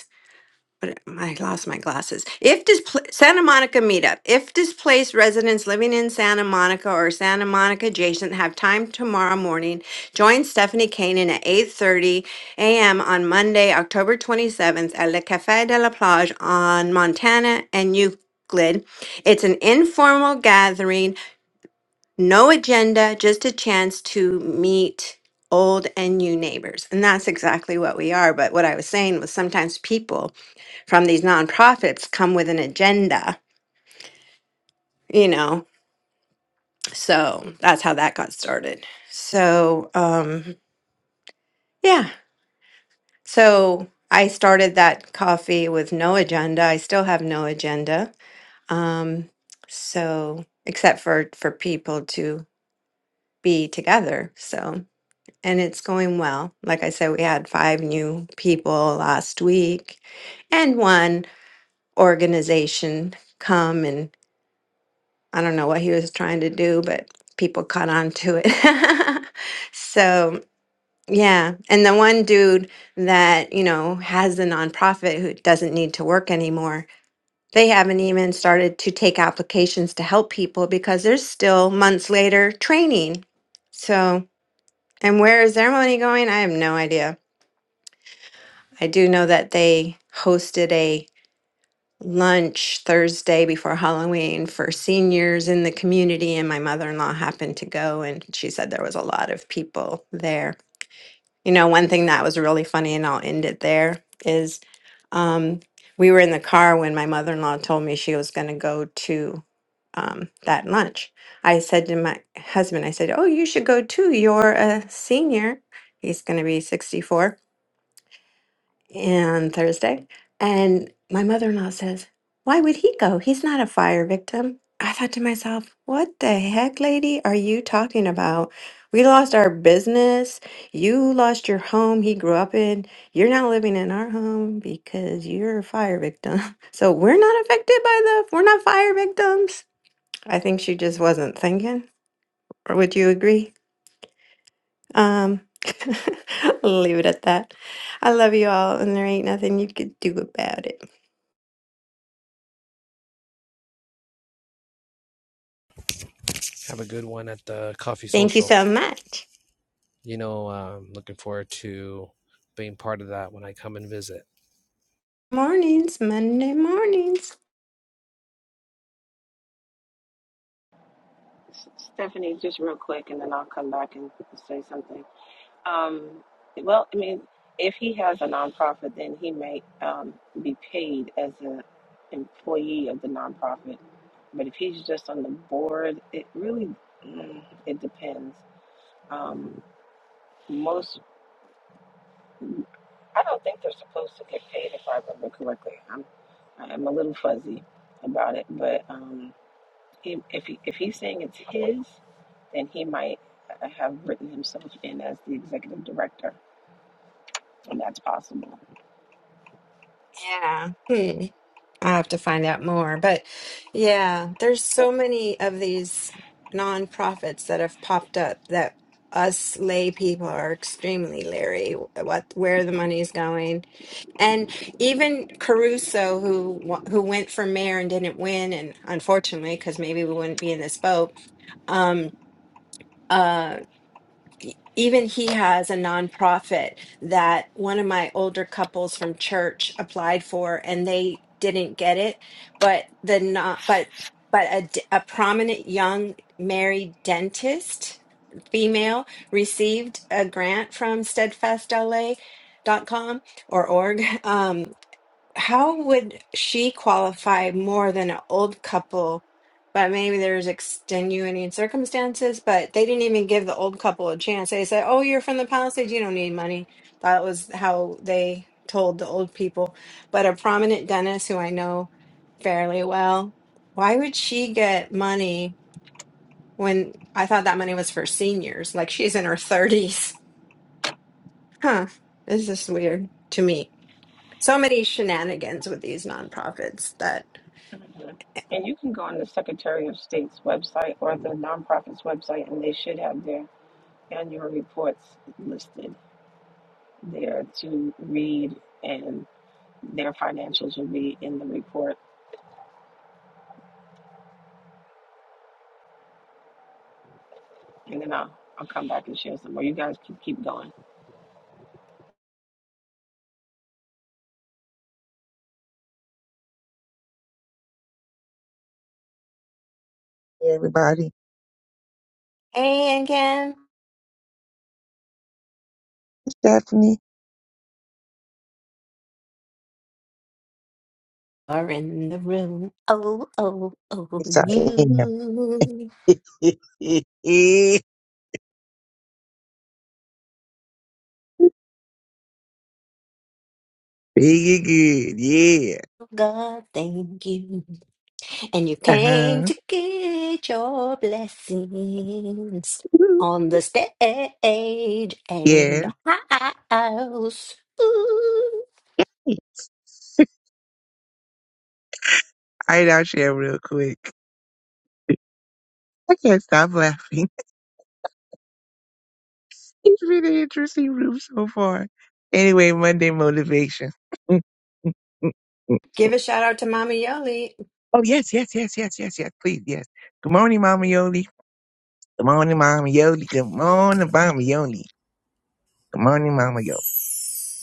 but I lost my glasses. If displ- Santa Monica meetup, if displaced residents living in Santa Monica or Santa Monica adjacent have time tomorrow morning, join Stephanie Kanan at 8:30 a.m. on Monday, October 27th at Le Café de la Plage on Montana and Euclid. It's an informal gathering, no agenda, just a chance to meet old and new neighbors. And that's exactly what we are. But what I was saying was sometimes people from these nonprofits come with an agenda, you know. So that's how that got started. So, um, yeah. So I started that coffee with no agenda. I still have no agenda. Um, so except for for people to be together. So and it's going well. Like I said, we had five new people last week and one organization come and. I don't know what he was trying to do, but people caught on to it. so, yeah. And the one dude that, you know, has the nonprofit who doesn't need to work anymore, they haven't even started to take applications to help people because there's still months later training. So, and where is their money going? I have no idea. I do know that they hosted a. lunch Thursday before Halloween for seniors in the community, and my mother in law happened to go, and she said there was a lot of people there. You know, one thing that was really funny, and I'll end it there, is um, we were in the car when my mother in law told me she was going to go to um, that lunch. I said to my husband, I said, Oh, you should go too. You're a senior. He's going to be 64 and Thursday. And my mother in law says, Why would he go? He's not a fire victim. I thought to myself, What the heck, lady, are you talking about? We lost our business. You lost your home he grew up in. You're now living in our home because you're a fire victim. So we're not affected by the, we're not fire victims. I think she just wasn't thinking. Or would you agree? Um, I'll leave it at that. I love you all, and there ain't nothing you could do about it.
Have a good one at the coffee
Thank you
social.
so much.
You know, uh, I'm um, looking forward to being part of that when I come and visit.
Mornings, Monday mornings.
S- Stephanie, just real quick, and then I'll come back and say something. Um, well, I mean, if he has a nonprofit, then he may um, be paid as an employee of the nonprofit. But if he's just on the board, it really mm, it depends. Um, most, I don't think they're supposed to get paid, if I remember correctly. I'm I'm a little fuzzy about it, but. Um, He, if he, if he's saying it's his, then he might uh, have written himself in as the executive director, and that's possible.
Yeah. Hmm. I have to find out more. But yeah, there's so many of these nonprofits that have popped up that us lay people are extremely leery what where the money's going and even caruso who wa- who went for mayor and didn't win and unfortunately because maybe we wouldn't be in this boat um uh, e, even he has a nonprofit that one of my older couples from church applied for and they didn't get it but the not but but a, d- a prominent young married dentist female received a grant from steadfast LA dot com or org um, how would she qualify more than an old couple? But maybe there's extenuating circumstances, but they didn't even give the old couple a chance. They said, Oh, you're from the Palisades, you don't need money. That was how they told the old people. But a prominent dentist who I know fairly well, why would she get money when I thought that money was for seniors? Like she's in her 30s. Huh. This is weird to me. So many shenanigans with these nonprofits that
Mhm. And you can go on the Secretary of State's website or the nonprofit's website, and they should have their annual reports listed there to read, and their financials will be in the report. And then I'll, I'll come back and share some more. You guys can keep going.
everybody. Stephanie,
are in the room. Oh, oh, oh,
it's I AM.
you,
Big and good, yeah.
God, thank you. And you came to
Uh-huh.
get your blessings on the stage and in
Yeah.
the house. Ooh.
I had our share real quick. I can't stop laughing. It's been an interesting room so far. Anyway, Monday motivation. oh
Give a shout out to Mama Yoli.
yes, yes, yes, yes, yes, yes. Please, yes. Good morning, Mama Yoli. Good morning, Mama Yoli. Good morning, Mama Yoli. Good morning, Mama Yoli.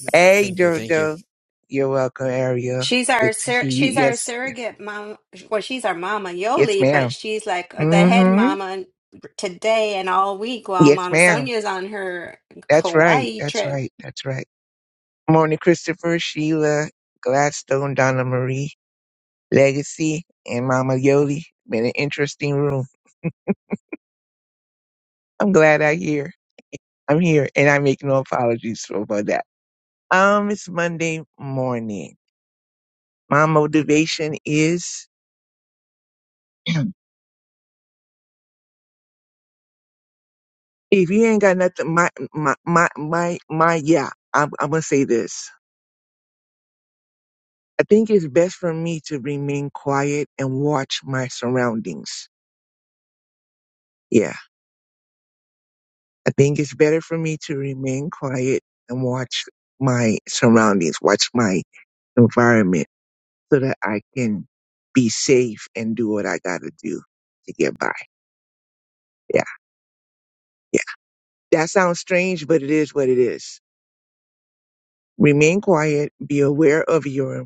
Yep.
Hey,
Thank you. Thank you.
Jojo. You're welcome, Ariel.
She's
Good
our
to
sur-
see you.
she's our
Yes, yes,
surrogate mom. Well, she's our Mama
yes,
Yoli, but
ma'am.
she's like the head
Mm-hmm.
mama today and all week while
Yes,
Mama
ma'am.
Sonia's on her
That's right.
Kauai
That's
trip.
right. That's right. Morning, Christopher, Sheila, Gladstone, Donna Marie, Legacy, and Mama Yoli. Been an interesting room. I'm glad I here. I'm here, and I make no apologies for about that. Um, it's Monday morning. My motivation is If you ain't got nothing, my my my my, my yeah, I'm, I'm gonna say this. I think it's best for me to remain quiet and watch my surroundings. Yeah, I think it's better for me to remain quiet and watch my surroundings, watch my environment, so that I can be safe and do what I gotta do to get by. Yeah, yeah. That sounds strange, but it is what it is. Remain quiet. Be aware of your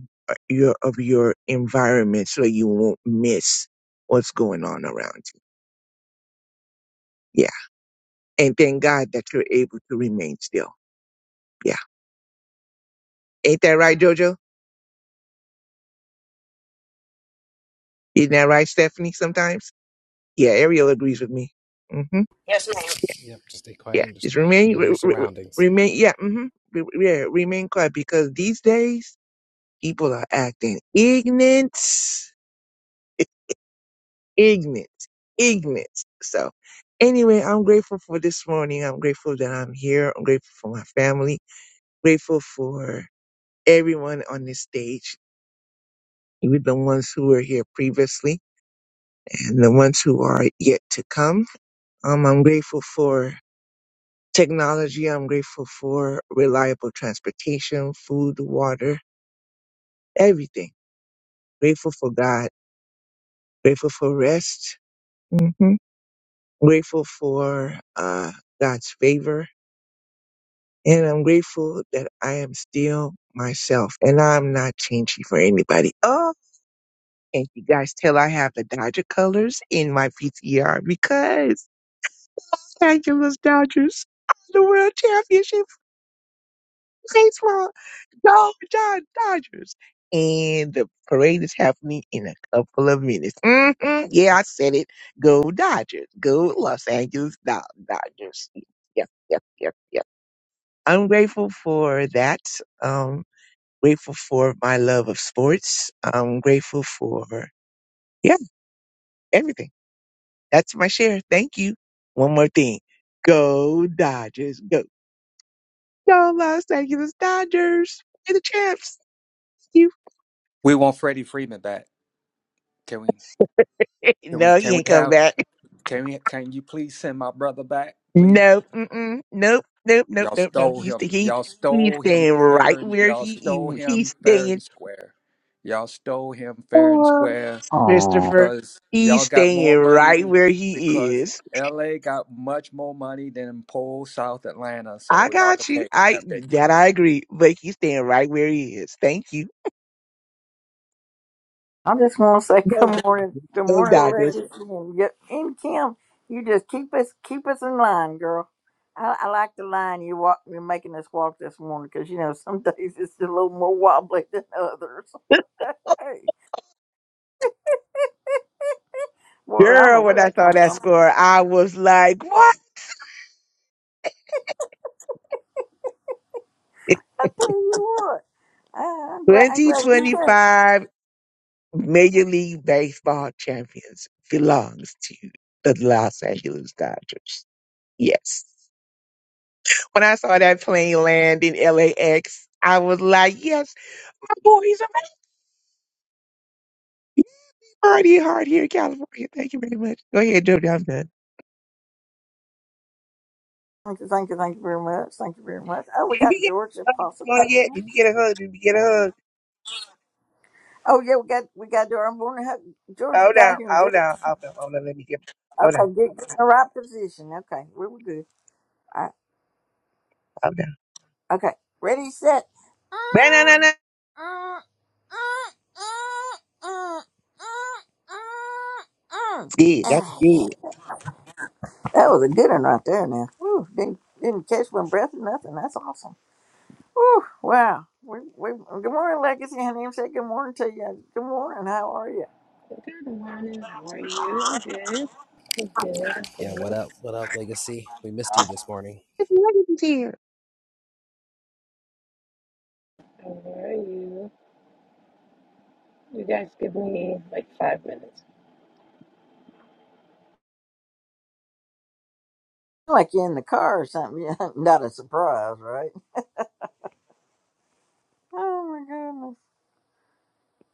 your of your environment so you won't miss what's going on around you. Yeah, and thank God that you're able to remain still. Yeah, ain't that right, Jojo? Isn't that right, Stephanie? Sometimes. Yeah, Ariel agrees with me. hmm
Yes, ma'am.
Yep, just stay
Yeah,
quiet and just
just remain
know your
re, re-
surroundings.
remain. Yeah. hmm yeah, remain quiet because these days people are acting ignorant ignorant, ignorant. So anyway, I'm grateful for this morning. I'm grateful that I'm here. I'm grateful for my family. Grateful for everyone on this stage, even the ones who were here previously and the ones who are yet to come. Um, I'm grateful for technology. I'm grateful for reliable transportation, food, water, everything. Grateful for God. Grateful for rest. hmm Grateful for uh, God's favor And I'm grateful that I am still myself and I'm not changing for anybody. Oh, and you guys tell I have the Dodger colors in my PTR because Los Angeles Dodgers are the world championship baseball. Go, John Dodgers. And the parade is happening in a couple of minutes. hmm Yeah, I said it. Go Dodgers. Go Los Angeles Do- Dodgers. Yep, yep, yep, yep. I'm grateful for that. Um. Grateful for my love of sports. I'm grateful for, yeah, everything. That's my share. Thank you. One more thing. Go Dodgers. Go. Go Los Angeles Dodgers. You're the champs. You.
We want Freddie Freeman back. Can we? Can we?
No, he
Can we
ain't coming
have?
back.
Can we? Can you please send my brother back, please?
Nope. Mm-mm. Nope. Nope. Nope.
Y'all
Nope. Nope.
stole
He's,
him.
he,
Y'all
he's
stole him
staying
fair
right
and
where
y'all
he,
stole
he he's
him fair
staying.
and square. Y'all stole him fair and
Oh,
square.
Oh,
Christopher.
because
He's
y'all got more
staying right
money
where he
because
is.
LA got much more money than poor South Atlanta,
I
so y'all can
got you.
pay him
I
that big
that
money.
I agree, but he's staying right where he is. Thank you.
I just want to say
Love,
good morning, good
love
morning,
Dodgers.
Legacy, and get and Kim. You just keep us keep us in line, girl. I, I like the line you walk. You're making us walk this morning because you know some days it's a little more wobbly than others. hey, boy, I don't know
Girl, when
where
I
that
saw
comes
that
from.
score, I was like, what?
I tell you what, I, I'm glad. I'm glad you came.
2025 Major League Baseball champions belongs to the Los Angeles Dodgers. Yes. When I saw that plane land in LAX, I was like, yes, my boys are already hard here in California. Thank you very much. Go ahead, Joe. I'm done.
Thank you, thank you, thank you very much. Thank you very much. Oh, we
Did we
got
get
Georgia Apostle
a hug
coming
yet?
in.
Did we get a hug? Did we get a hug?
Oh yeah, we got we got to do our morning. hug. Georgia
Hold on,
got here and
hold
just
on, hold on, hold on. Let me get. Hold on,
okay,
hold
get,
on,
get in the right position. Okay, we were good. All right,
hold on.
okay, ready, set. Ah,
Banana, good. That's
yeah.
good.
That was a good one right there. Now, Whew, didn't didn't catch one breath or nothing. That's awesome. Whew, wow. We, we, good morning, Legacy. Honey, say good morning to you. Good morning. How are you?
Good morning. How are you? I'm good. I'm good. I'm
Yeah, what
good.
up? What up, Legacy? We missed you this morning.
That's really good.
How are you? You guys give me like five minutes.
like you're in the car or something. Yeah, not a surprise, right? Oh my goodness.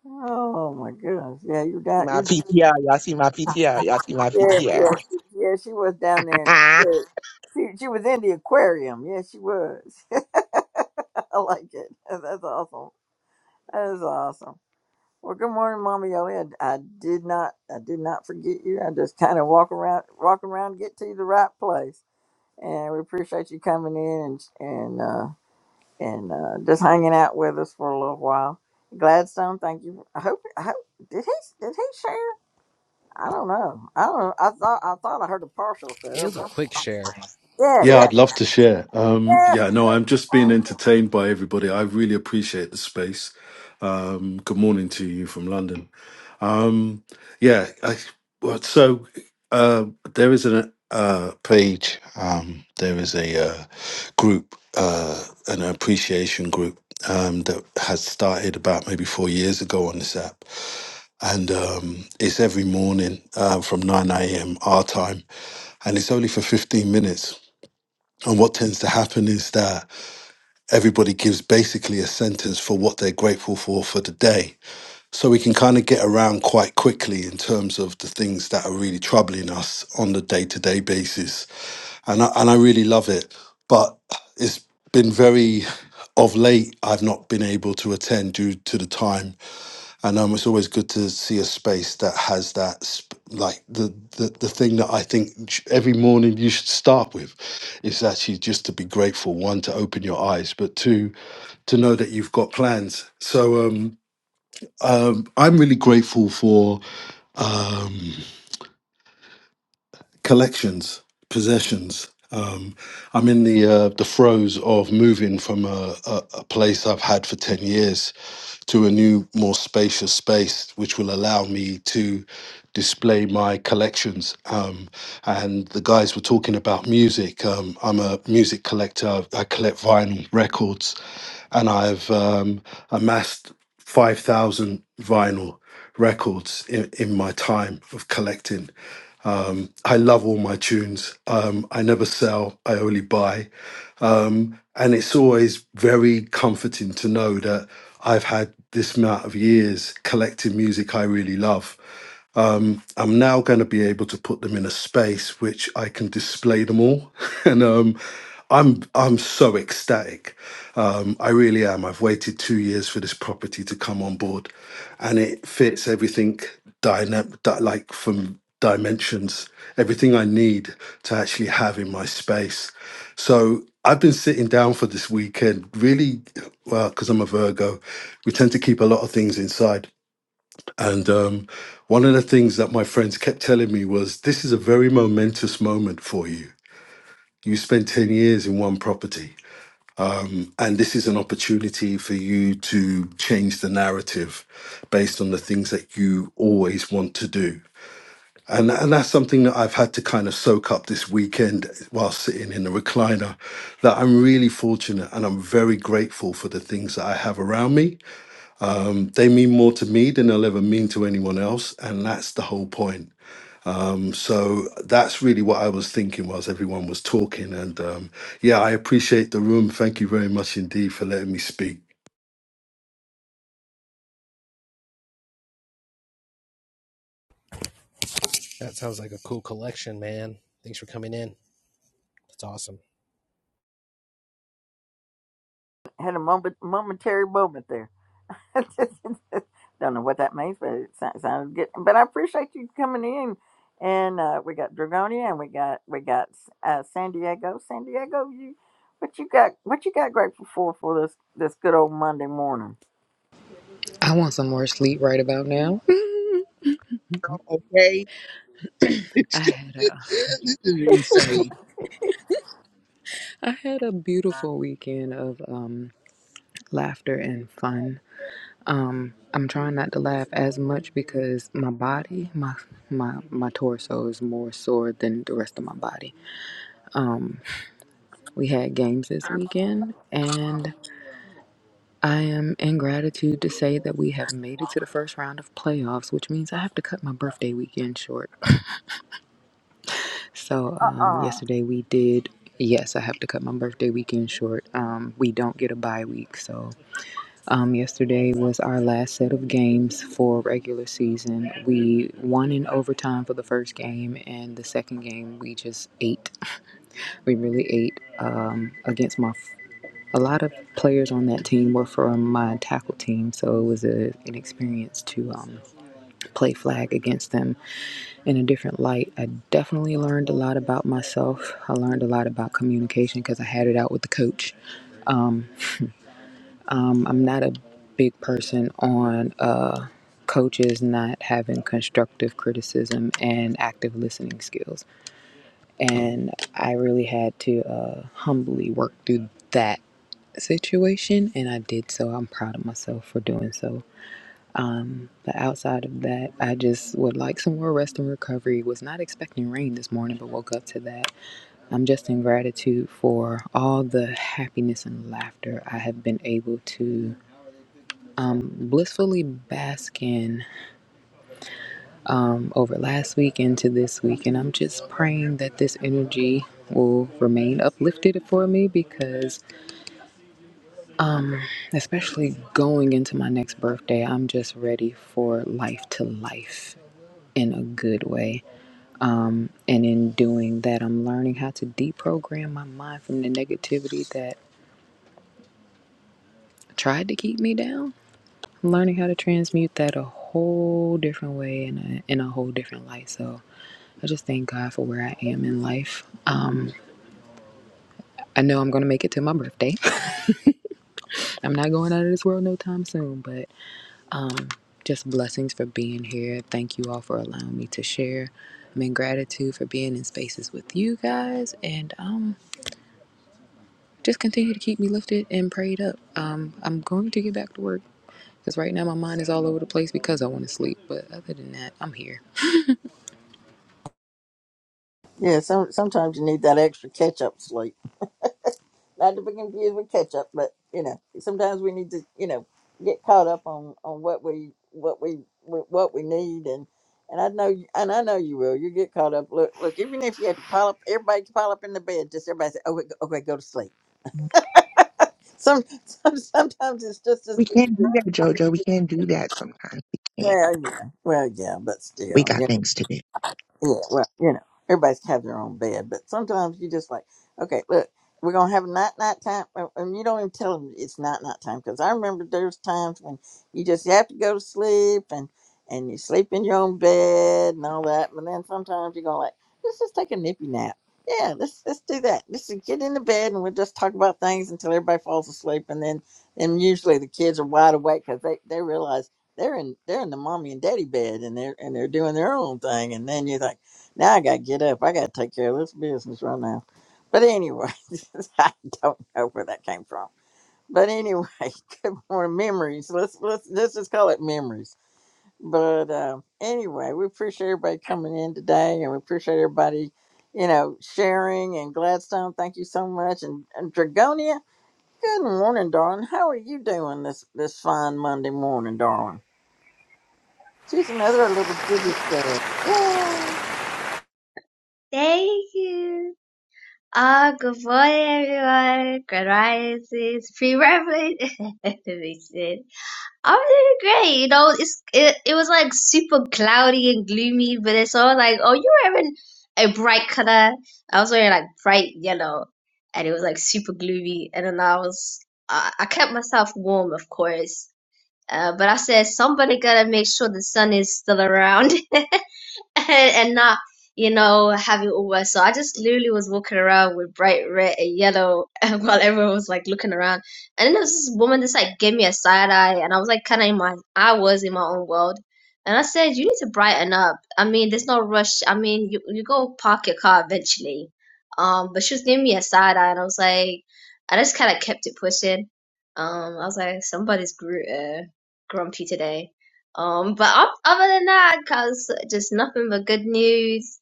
Oh my goodness. Yeah, you're down.
My
You're down.
PTR, y'all see my PTR, y'all see my
Yeah,
PTR.
yeah, yeah. She was down there in the aquarium. She, she was in the aquarium. Yeah, she was. I like it. That's that's awesome. That is awesome. Well, good morning, Mama Yoli. I, I did not, I did not forget you. I just kind of walk around, walk around, get to the right place, and we appreciate you coming in and and uh, and uh, just hanging out with us for a little while. Gladstone, thank you. I hope. I hope did he did he share? I don't know. I don't. Know. I thought I thought I heard a partial
Hey, It
share,
was a
but
quick share.
yeah,
Yeah,
yeah,
I'd love to share. Um,
yes.
yeah, no, I'm
please,
just being
Thank you.
entertained by everybody. I really appreciate the space. Um, good morning to you from London. Um, yeah, I, well, so uh, there is a uh, page, um, there is a uh, group, uh, an appreciation group um, that has started about maybe four years ago on this app. And um, it's every morning uh, from 9 a.m. our time, and it's only for 15 minutes. And what tends to happen is that everybody gives basically a sentence for what they're grateful for for the day so we can kind of get around quite quickly in terms of the things that are really troubling us on the day to day basis. And I, and I really love it. But it's been very, of late, I've not been able to attend due to the time. And um, it's always good to see a space that has that, sp- like the, the, the thing that I think sh- every morning you should start with is actually just to be grateful, one, to open your eyes, but two, to know that you've got plans. So, um, um, I'm really grateful for um, collections, possessions. Um, I'm in the uh, the throes of moving from a, a, a place I've had for ten years, to a new, more spacious space, which will allow me to display my collections. Um, and the guys were talking about music. Um, I'm a music collector. I collect vinyl records, and I've um, amassed five thousand vinyl records in, in my time of collecting. Um, I love all my tunes. Um, I never sell. I only buy. Um, and it's always very comforting to know that I've had this amount of years collecting music I really love. Um, I'm now going to be able to put them in a space which I can display them all, and um, I'm I'm so ecstatic. Um, I really am. I've waited two years for this property to come on board, and it fits everything dynamic, like from dimensions, everything I need to actually have in my space. So I've been sitting down for this weekend, really, well, because I'm a Virgo, we tend to keep a lot of things inside. And um, one of the things that my friends kept telling me was this is a very momentous moment for you. You spent 10 years in one property, and this is an opportunity for you to change the narrative based on the things that you always want to do and, and that's something that I've had to kind of soak up this weekend while sitting in the recliner. That I'm really fortunate and I'm very grateful for the things that I have around me. Um, they mean more to me than they'll ever mean to anyone else. And that's the whole point. Um, so that's really what I was thinking whilst everyone was talking. And um, yeah, I appreciate the room. Thank you very much indeed for letting me speak.
That sounds like a cool collection, man. Thanks for coming in. That's awesome.
Had a moment, momentary moment there. don't know what that means, but it sou- sounded good. But I appreciate you coming in. And uh, we got Dragonia, and we got we got uh, San Diego. San Diego, you what you got? What you got grateful for for this this good old Monday morning?
I want some more sleep right about now.
okay,
I had a I had a beautiful weekend of um, laughter and fun. Um, I'm trying not to laugh as much because my body, my my my torso is more sore than the rest of my body. We had games this weekend, and I am in gratitude to say that we have made it to the first round of playoffs, which means I have to cut my birthday weekend short. So
Uh
um,
uh
yesterday we did. Yes, I have to cut my birthday weekend short. Um, we don't get a bye week, so um, yesterday was our last set of games for regular season. We won in overtime for the first game, and the second game we just ate. We really ate um, against my. A lot of players on that team were from my tackle team, so it was a, an experience to um, play flag against them in a different light. I definitely learned a lot about myself. I learned a lot about communication because I had it out with the coach. Um, I'm not a big person on uh, coaches not having constructive criticism and active listening skills. And I really had to uh, humbly work through that situation, and I did so. I'm proud of myself for doing so. But outside of that, I just would like some more rest and recovery. Was not expecting rain this morning, but woke up to that. I'm just in gratitude for all the happiness and laughter I have been able to blissfully bask in um, over last week into this week. And I'm just praying that this energy will remain uplifted for me because, especially going into my next birthday, I'm just ready for life to life in a good way. And in doing that, I'm learning how to deprogram my mind from the negativity that tried to keep me down. I'm learning how to transmute that a whole different way and in a whole different light. So I just thank God for where I am in life. Um, I know I'm going to make it to my birthday. I'm not going out of this world no time soon, but just blessings for being here. Thank you all for allowing me to share. I'm in gratitude for being in spaces with you guys. And um, Just continue to keep me lifted and prayed up. Um, I'm going to get back to work because right now my mind is all over the place because I want to sleep. But other than that, I'm here.
Yeah, some, sometimes you need that extra catch up sleep. Not to be confused with catch up, but you know, sometimes we need to, you know, get caught up on on what we what we what we need and and I know you- and I know you will. You get caught up. Look, look. Even if you have to pile up, everybody can pile up in the bed. Just everybody say, "Okay, go- okay, go to sleep." Some, some sometimes it's just as
we
good to
can't do
just,
that, Jojo. We can't do that sometimes. We can't.
well, yeah, well, yeah, but
We
still,
got things to do.
Yeah, well, you know, everybody's have their own bed, but sometimes you just like, okay, look, we're gonna have a night night time, and and you don't even tell them it's night night time because I remember there's times when you just have to go to sleep and and you sleep in your own bed and all that, but then sometimes you're gonna like, let's just take a nippy nap. Yeah, let's let's do that. Let's just get in the bed and we'll just talk about things until everybody falls asleep, and then and usually the kids are wide awake because they they realize they're in they're in the mommy and daddy bed and they're and they're doing their own thing and then you're like now i gotta get up i gotta take care of this business right now but anyway i don't know where that came from but anyway good morning memories let's let's let's just call it memories but um anyway we appreciate everybody coming in today and we appreciate everybody you know sharing and gladstone thank you so much and, and dragonia good morning darling how are you doing this this fine monday morning darling She's another little British girl.
Thank you. Uh, good morning, everyone. Good rises, pre-reverend. Everything. I'm doing great. You know, it's it, it was like super cloudy and gloomy, but it's all like, oh, you're wearing a bright color. I was wearing like bright yellow, and it was like super gloomy. And then I was, I, I kept myself warm, of course. Uh, but I said somebody gotta make sure the sun is still around. and not, you know, having all worse. So I just literally was walking around with bright red and yellow while everyone was like looking around. And then there was this woman that's like gave me a side eye, and I was like, kind of in my, I was in my own world. And I said, you need to brighten up. I mean, there's no rush. I mean, you you go park your car eventually. Um, but she was giving me a side eye, and I was like, I just kind of kept it pushing. Um, I was like, somebody's gr- uh, grumpy today um, but oth- other than that, cause just nothing but good news.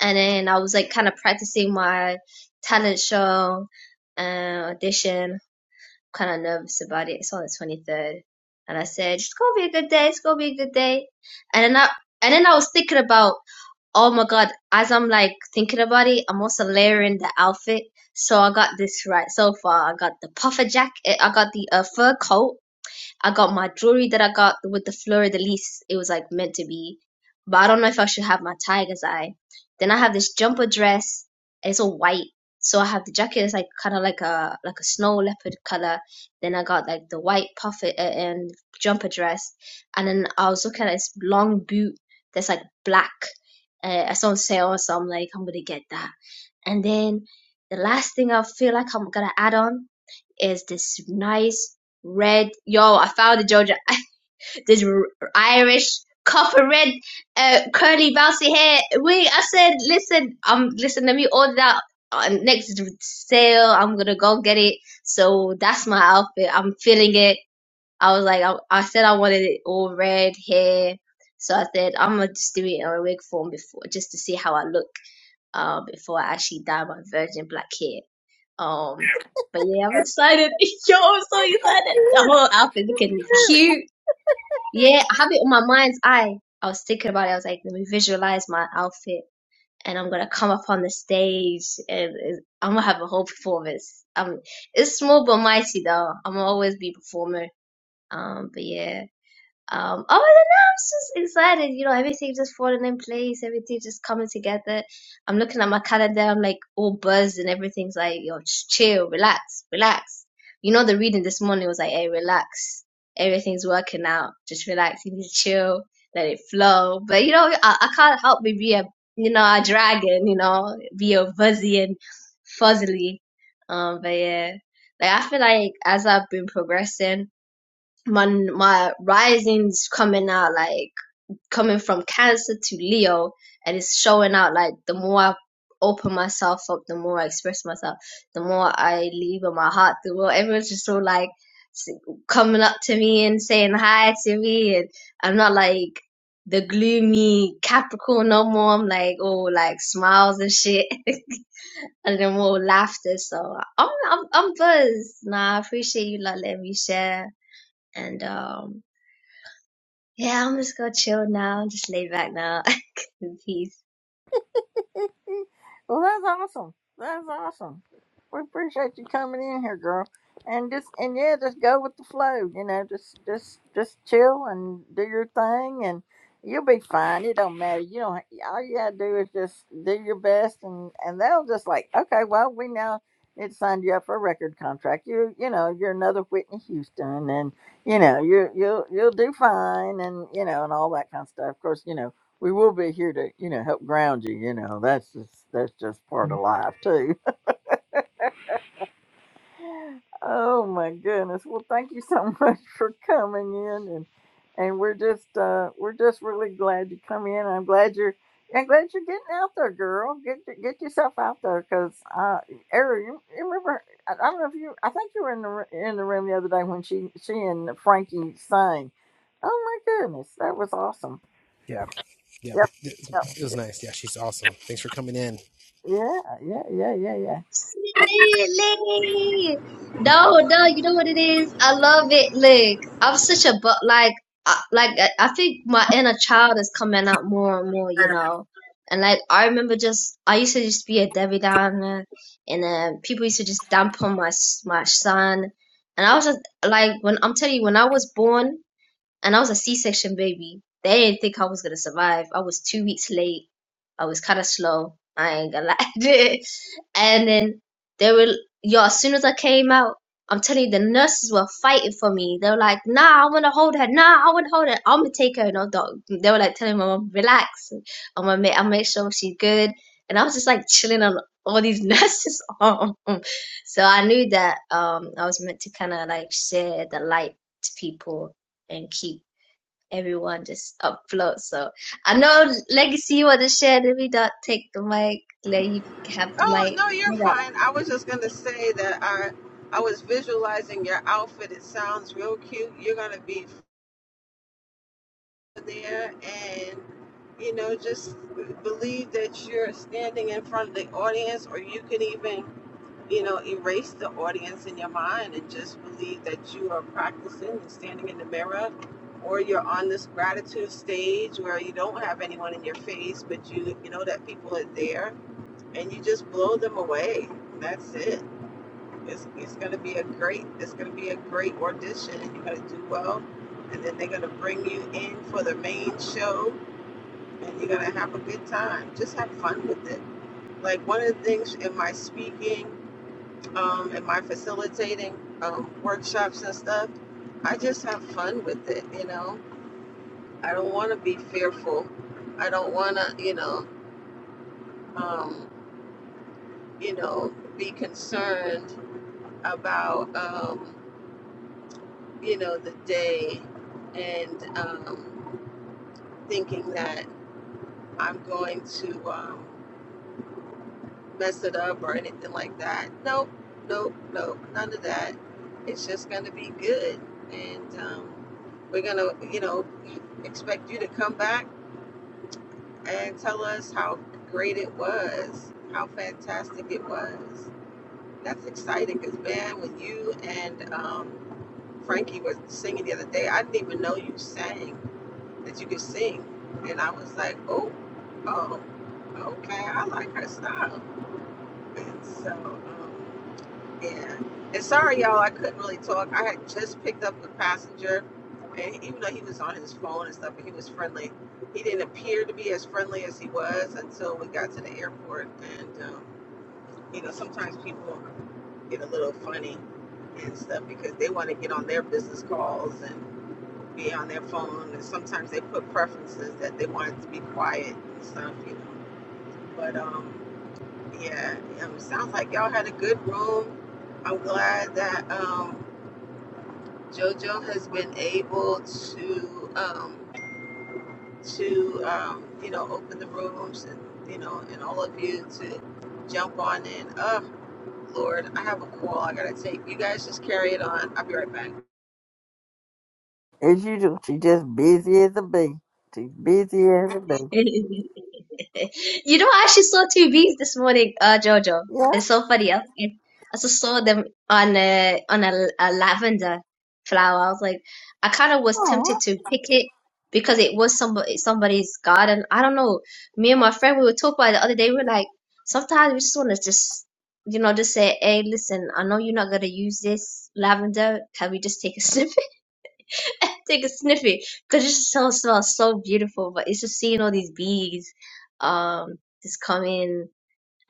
And then I was like kind of practicing my talent show and audition. Kind of nervous about it. It's on the 23rd, and I said it's gonna be a good day. It's gonna be a good day. And then I and then I was thinking about oh my god. As I'm like thinking about it, I'm also layering the outfit. So I got this right so far. I got the puffer jacket. I got the uh, fur coat. I got my jewelry that I got with the fleur de lis. It was like meant to be, but I don't know if I should have my tiger's eye. Then I have this jumper dress. It's all white, so I have the jacket. It's like kind of like a like a snow leopard color. Then I got like the white puff uh, and jumper dress, and then I was looking at this long boot that's like black. Uh, it's on sale, so I'm like, I'm gonna get that. And then the last thing I feel like I'm gonna add on is this nice red. Yo, I found the Georgia. This r- Irish copper red, uh, curly, bouncy hair. Wait, I said, listen, um, listen. Let me order that uh, next sale. I'm gonna go get it. So that's my outfit. I'm feeling it. I was like, I, I said I wanted it all red hair. So I said I'm gonna just do it in a wig form before, just to see how I look uh, before I actually dye my virgin black hair. Um, but yeah, I'm excited. Yo, I'm so excited. The whole outfit looking cute. Yeah, I have it on my mind's eye. I was thinking about it. I was like, let me visualize my outfit, and I'm gonna come up on the stage, and and I'm gonna have a whole performance. Um, it's small but mighty though. I'm gonna always be a performer. Um, but yeah. Um, other than that, I'm just excited. You know, everything just falling in place, everything just coming together. I'm looking at my calendar, I'm like all buzzed, and everything's like, yo, just chill, relax, relax. You know, the reading this morning was like, hey, relax. Everything's working out. Just relax. You need to chill, let it flow. But, you know, I, I can't help but be a, you know, a dragon, you know, be all buzzy and fuzzily. Um, but yeah, like I feel like as I've been progressing, my my rising's coming out like coming from Cancer to Leo, and it's showing out like the more I open myself up, the more I express myself, the more I leave in my heart. The more everyone's just so like s- coming up to me and saying hi to me, and I'm not like the gloomy Capricorn no more. I'm like oh like smiles and shit. And then more laughter, so I'm I'm I'm buzzed. Nah, I appreciate you lot letting me share, and um yeah, I'm just gonna chill now, just lay back now in peace.
well, that's awesome. That's awesome. We appreciate you coming in here, girl. And just and yeah, just go with the flow. You know, just just just chill and do your thing, and you'll be fine. It don't matter. You don't. All you gotta do is just do your best, and and they'll just like, okay, well, we now it signed you up for a record contract. You you know you're another Whitney Houston, and you know you you'll you'll do fine, and you know and all that kind of stuff. Of course, you know we will be here to you know help ground you you know that's just that's just part of life too oh my goodness well thank you so much for coming in and and we're just uh we're just really glad you come in i'm glad you're I'm glad you're getting out there, girl. Get get yourself out there, cause uh, Ariel, you, you remember? I, I don't know if you. I think you were in the ro- in the room the other day when she she and Frankie sang. Oh my goodness, that was awesome.
Yeah, yeah,
Yep.
it,
Yep.
was nice. Yeah, she's awesome. Thanks for coming in.
Yeah, yeah, yeah, yeah, yeah.
Absolutely. No, no, you know what it is? I love it. like I'm such a but like, I, like I I think my inner child is coming out more and more, you know. And like I remember, just I used to just be a Debbie Downer, and then people used to just dump on my s- my son, and I was just like, when I'm telling you, when I was born. and I was a C-section baby. They didn't think I was gonna survive. I was two weeks late. I was kind of slow. I ain't gonna lie. and then they were, yo. As soon as I came out, I'm telling you, the nurses were fighting for me. They were like, "Nah, I wanna hold her. Nah, I wanna hold her. I'm gonna take her." And all dog. They were like telling my mom, "Relax. I'm gonna make, I make sure she's good." And I was just like chilling on all these nurses' arm. So I knew that um, I was meant to kind of like share the light to people and keep everyone just upload. So I know Legacy you want to share. Let me not take the mic. Let you have the
Oh no, you're
mic.
fine. I was just gonna say that I I was visualizing your outfit. It sounds real cute. You're gonna be there, and you know, just believe that you're standing in front of the audience, or you can even you know, erase the audience in your mind and just believe that you are practicing and standing in the mirror or you're on this gratitude stage where you don't have anyone in your face but you you know that people are there and you just blow them away. That's it. It's, it's gonna be a great it's gonna be a great audition and you're gonna do well and then they're gonna bring you in for the main show and you're gonna have a good time. Just have fun with it. Like one of the things in my speaking um, am I facilitating um, workshops and stuff? I just have fun with it, you know. I don't want to be fearful. I don't want to, you know, um, you know, be concerned about, um, you know, the day and um, thinking that I'm going to. Um, mess it up or anything like that. Nope, nope, nope, none of that. It's just going to be good. And um, we're going to, you know, expect you to come back and tell us how great it was, how fantastic it was. That's exciting because, man, when you and um, Frankie were singing the other day, I didn't even know you sang, that you could sing. And I was like, oh, oh, okay, I like her style. And so, um, Yeah. And sorry, y'all, I couldn't really talk. I had just picked up a passenger, and even though he was on his phone and stuff, and he was friendly, he didn't appear to be as friendly as he was until we got to the airport. And, um, you know, sometimes people get a little funny and stuff because they want to get on their business calls and be on their phone. And sometimes they put preferences that they want it to be quiet and stuff, you know. But, um, yeah, um, sounds like y'all had a good room. I'm glad that. Um, JoJo has been able to um, to um, you know open the rooms and you know and all of you to jump on in. Oh, Lord, I have a call I gotta take. You guys just carry it on. I'll be right back.
As usual, she's just busy as a bee. She's busy as a bee.
You know, I actually saw two bees this morning, uh, Jojo.
Yeah,
It's so funny. I, was like- I just saw them on a on a, a lavender flower. I was like, I kind of was tempted
alright.
to pick it because it was somebody somebody's garden. I don't know. Me and my friend, we were talking about it the other day. We were like, sometimes we just want to just, you know, just say, hey, listen, I know you're not gonna use this lavender. Can we just take a sniff? take a sniffy. Cause it just so smells so beautiful. But it's just seeing all these bees, um, just come in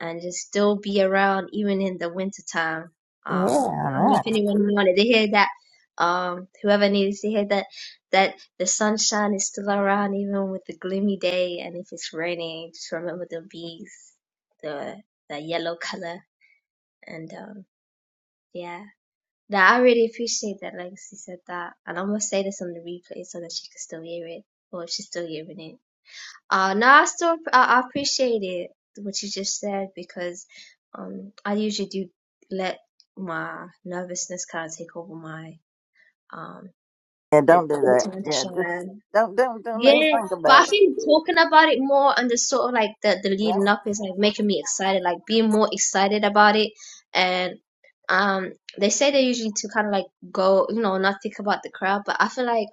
and just still be around even in the winter time. Um,
yeah,
I
I
don't know
know.
if anyone wanted to hear that. Um, whoever needs to hear that, that the sunshine is still around even with the gloomy day, and if it's raining, just remember the bees, the the yellow color, and um, yeah. That I really appreciate that, like she said that. And I'm gonna say this on the replay so that she can still hear it, or if she's still hearing it. Uh, no, I still I, I appreciate it what you just said because um I usually do let my nervousness kind of take over my um the
don't do that.
the time to
Yeah, just
shine
don't, don't, don't even
yeah,
think
but
about
I
it.
think talking about it more and the sort of like the, the
Yep.
leading up is like making me excited, like being more excited about it. And um, they say they usually to kind of like go, you know, not think about the crowd, but I feel like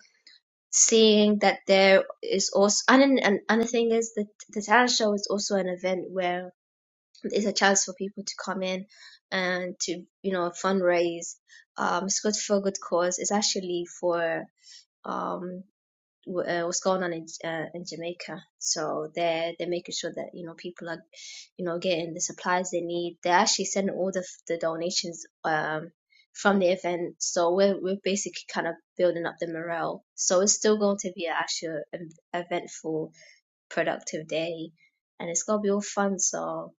seeing that there is also, and then- and and the thing is that the talent show is also an event where it's a chance for people to come in and to, you know, fundraise. Um, it's good for a good cause. It's actually for um w- uh, what's going on in uh, in Jamaica. So they're they're making sure that you know people are, you know, getting the supplies they need. They're actually sending all the f- the donations um from the event. So we're we're basically kind of building up the morale. So it's still going to be an actual ev- eventful, productive day, and it's gonna be all fun. So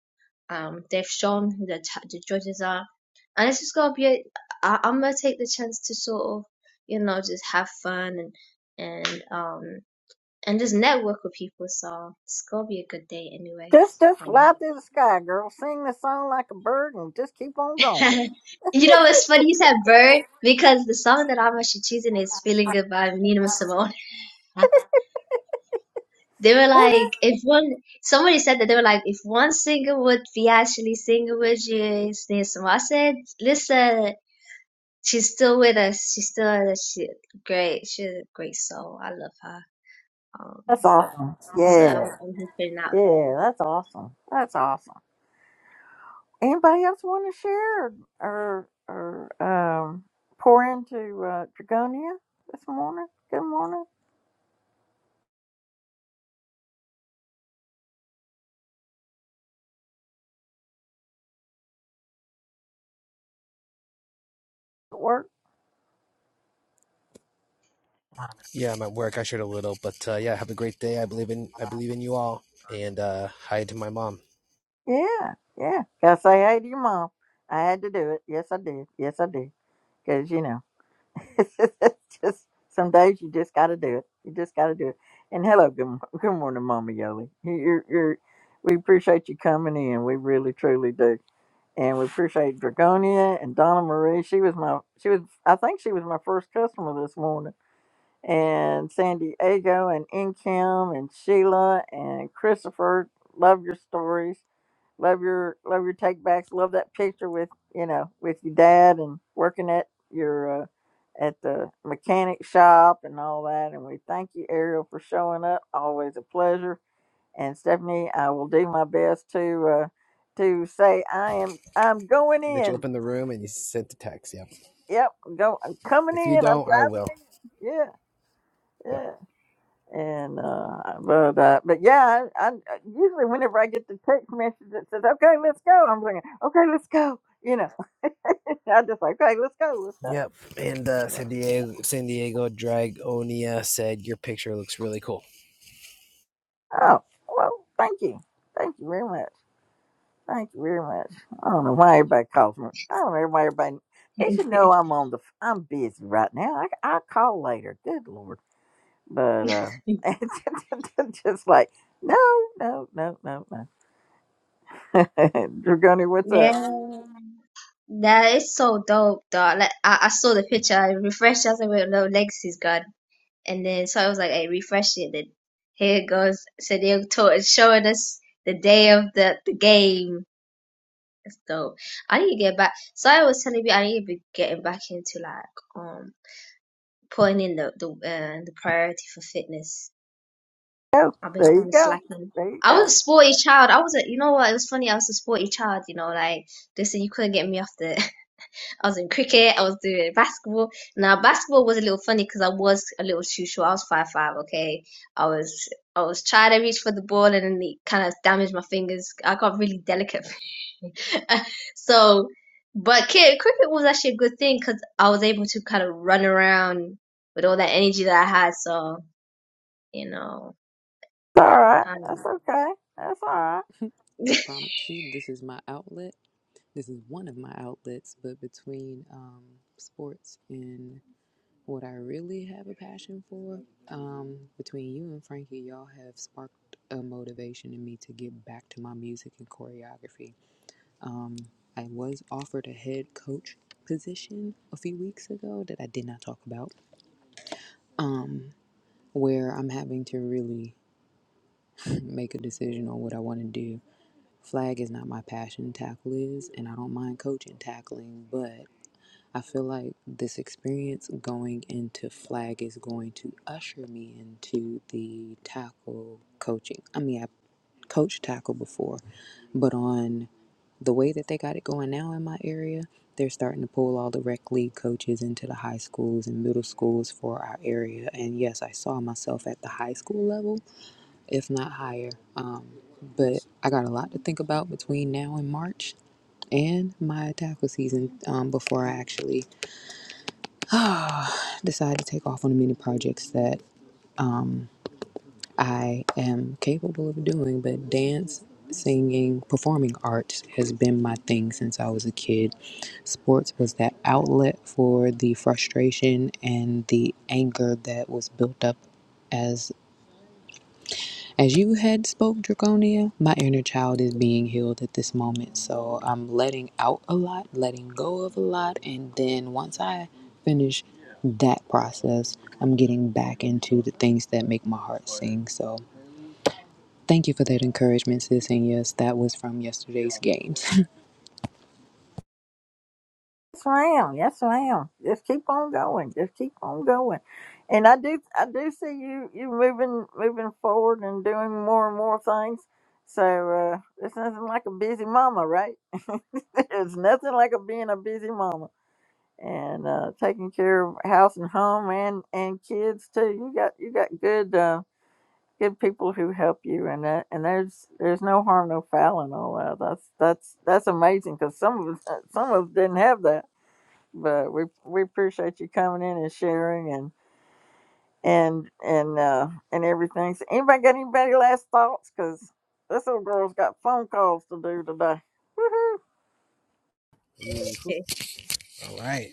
um, they've shown who the ta- the judges are, and it's just gonna be. A, I, I'm gonna take the chance to sort of, you know, just have fun and and um and just network with people. So it's gonna be a good day,
Just,
anyways.
just
Um,
fly through the sky, girl. Sing the song like a bird, and just keep on going.
and you know what's funny? You said Bird because the song that I'm actually choosing is "Feeling Good" by Nina Simone. they were like, if one somebody said that they were like, if one singer would be actually singing with you, it's Nina Simone. I said, listen, she's still with us. She's still she great. She's a great soul. I love her. Um,
That's awesome.
so I'm,
Yeah,
I'm hoping that
yeah, that's awesome. That's awesome. Anybody else want to share or or, or um pour into uh, Dragonia this morning? Good morning. Work.
Yeah, I'm at work. I shared a little, but uh, yeah, have a great day. I believe in I believe in you all. And uh, hi to my mom.
Yeah, yeah. Gotta say hey to your mom. I had to do it. Yes, I did. Yes, I did. Because, you know, it's just some days you just gotta do it. You just gotta do it. And hello, good, mo- good morning, Mama Yoli. You're, you're, we appreciate you coming in. We really, truly do. And we appreciate Dragonia and Donna Marie. She was my, she was, I think she was my first customer this morning. And San Diego and Inkim and Sheila and Christopher. Love your stories Love your love your take backs. Love that picture with you know with your dad and working at your uh, at the mechanic shop and all that. And we thank you, Ariel, for showing up. Always a pleasure. And Stephanie, I will do my best to uh, to say I am I'm going
That you
in.
opened the room and you sent the text. Yep.
Yep, go I'm coming
If you
in. I'm
don't, I
diving
will.
in. Yeah,
Yep.
yeah. And uh, but uh, but yeah, I, I usually whenever I get the text message that says "Okay, let's go," I'm thinking, "Okay, let's go," you know. I just like, "Okay, let's go, let's go."
Yep. And uh, San
But- yeah.
Diego San Diego Dragonia said your picture looks really cool.
oh well, thank you, thank you very much, thank you very much. I don't know why everybody calls me. I don't know why everybody. They should
for
know I'm on the. f- I'm busy right now. I I'll call later. Good lord, but uh, it's just like no, no, no, no, no. Dragoni, what's up?
yeah. That is so dope, dog. Like I, I saw the picture, I refreshed. I was like, "Wait, no, Legacy's gone." And then so I was like, "Hey, refresh it." And here it goes. So they're to- showing us the day of the the game. That's dope. I need to get back. So I was telling you, I need to be getting back into like um putting in the the uh, the priority for fitness.
go.
I've been
There you
kinda
go.
slacking.
There you
I
go.
was a sporty child. I was a, you know what? It was funny. I was a sporty child. You know, like they said you couldn't get me off the I was in cricket, I was doing basketball. Now basketball was a little funny because I was a little too short. I was five five, okay. I was I was trying to reach for the ball and then it kind of damaged my fingers. I got really delicate. so, but kid, cricket was actually a good thing because I was able to kind of run around with all that energy that I had. So you know,
It's all right. That's
um,
okay. That's all right.
I promise you, this is my outlet. This is one of my outlets. But between um, sports and what I really have a passion for, um, between you and Frankie, y'all have sparked a motivation in me to get back to my music and choreography. Um, I was offered a head coach position a few weeks ago that I did not talk about, um, where I'm having to really make a decision on what I want to do. Flag is not my passion, tackle is, and I don't mind coaching tackling, but I feel like this experience going into flag is going to usher me into the tackle coaching. I mean, I coached tackle before, but on the way that they got it going now in my area, they're starting to pull all the rec league coaches into the high schools and middle schools for our area. And yes, I saw myself at the high school level, if not higher. Um, but I got a lot to think about between now and March and my tackle season um, before I actually decide to take off on the many projects that I am capable of doing, but dance, singing, performing arts has been my thing since I was a kid. Sports was that outlet for the frustration and the anger that was built up as as you had spoke draconia my inner child is being healed at this moment so i'm letting out a lot letting go of a lot and then once i finish that process i'm getting back into the things that make my heart sing so Thank you for that encouragement, sis. And yes, that was from yesterday's games.
Yes, ma'am. Yes, ma'am. Just keep on going. Just keep on going. And I do, I do see you, you moving, moving forward and doing more and more things. So uh, there's nothing like a busy mama, right? There's nothing like a being a busy mama and uh, taking care of house and home and and kids too. You got, you got good. Uh, good people who help you and that and there's there's no harm no foul and all that that's that's that's amazing because some of us some of us didn't have that but we we appreciate you coming in and sharing and and and uh and everything so anybody got anybody last thoughts because this little girl's got phone calls to do today Woohoo.
Ooh, all right.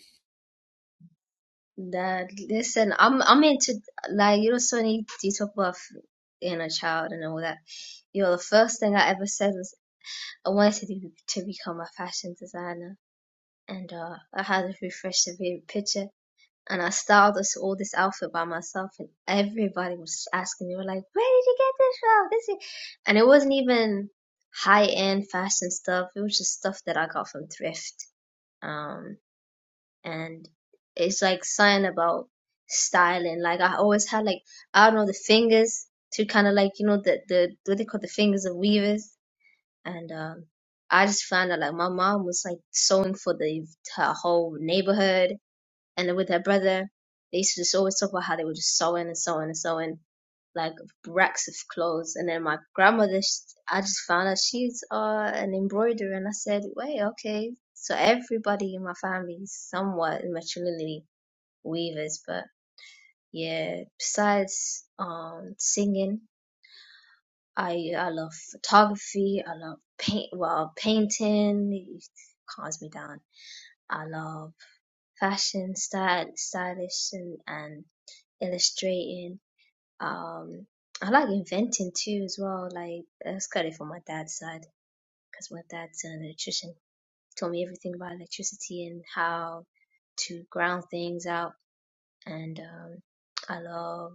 that listen, I'm I'm into like you know so many you talk about you know child and all that. You know, the first thing I ever said was I wanted to, to become a fashion designer, and uh, I had a refresh severe picture, and I styled this, all this outfit by myself, and everybody was just asking. They were like, "Where did you get this from?" This, is-" and it wasn't even high end fashion stuff. It was just stuff that I got from thrift, um, and it's like something about styling. Like I always had like I don't know the fingers to kind of like you know the the what they call the fingers of weavers and um, I just found out like my mom was like sewing for the her whole neighborhood, and then with her brother, they used to just always talk about how they were just sewing and sewing and sewing like racks of clothes, and then my grandmother, sh I just found out she's uh an embroiderer, and I said, wait, okay, so everybody in my family is somewhat matrilineally weavers, but yeah, besides um singing. I I love photography. I love paint. Well, painting calms me down. I love fashion, style, stylish, and, and illustrating. Um, I like inventing too as well. Like that's got it from my dad's side because my dad's an electrician. Told me everything about electricity and how to ground things out. And um, I love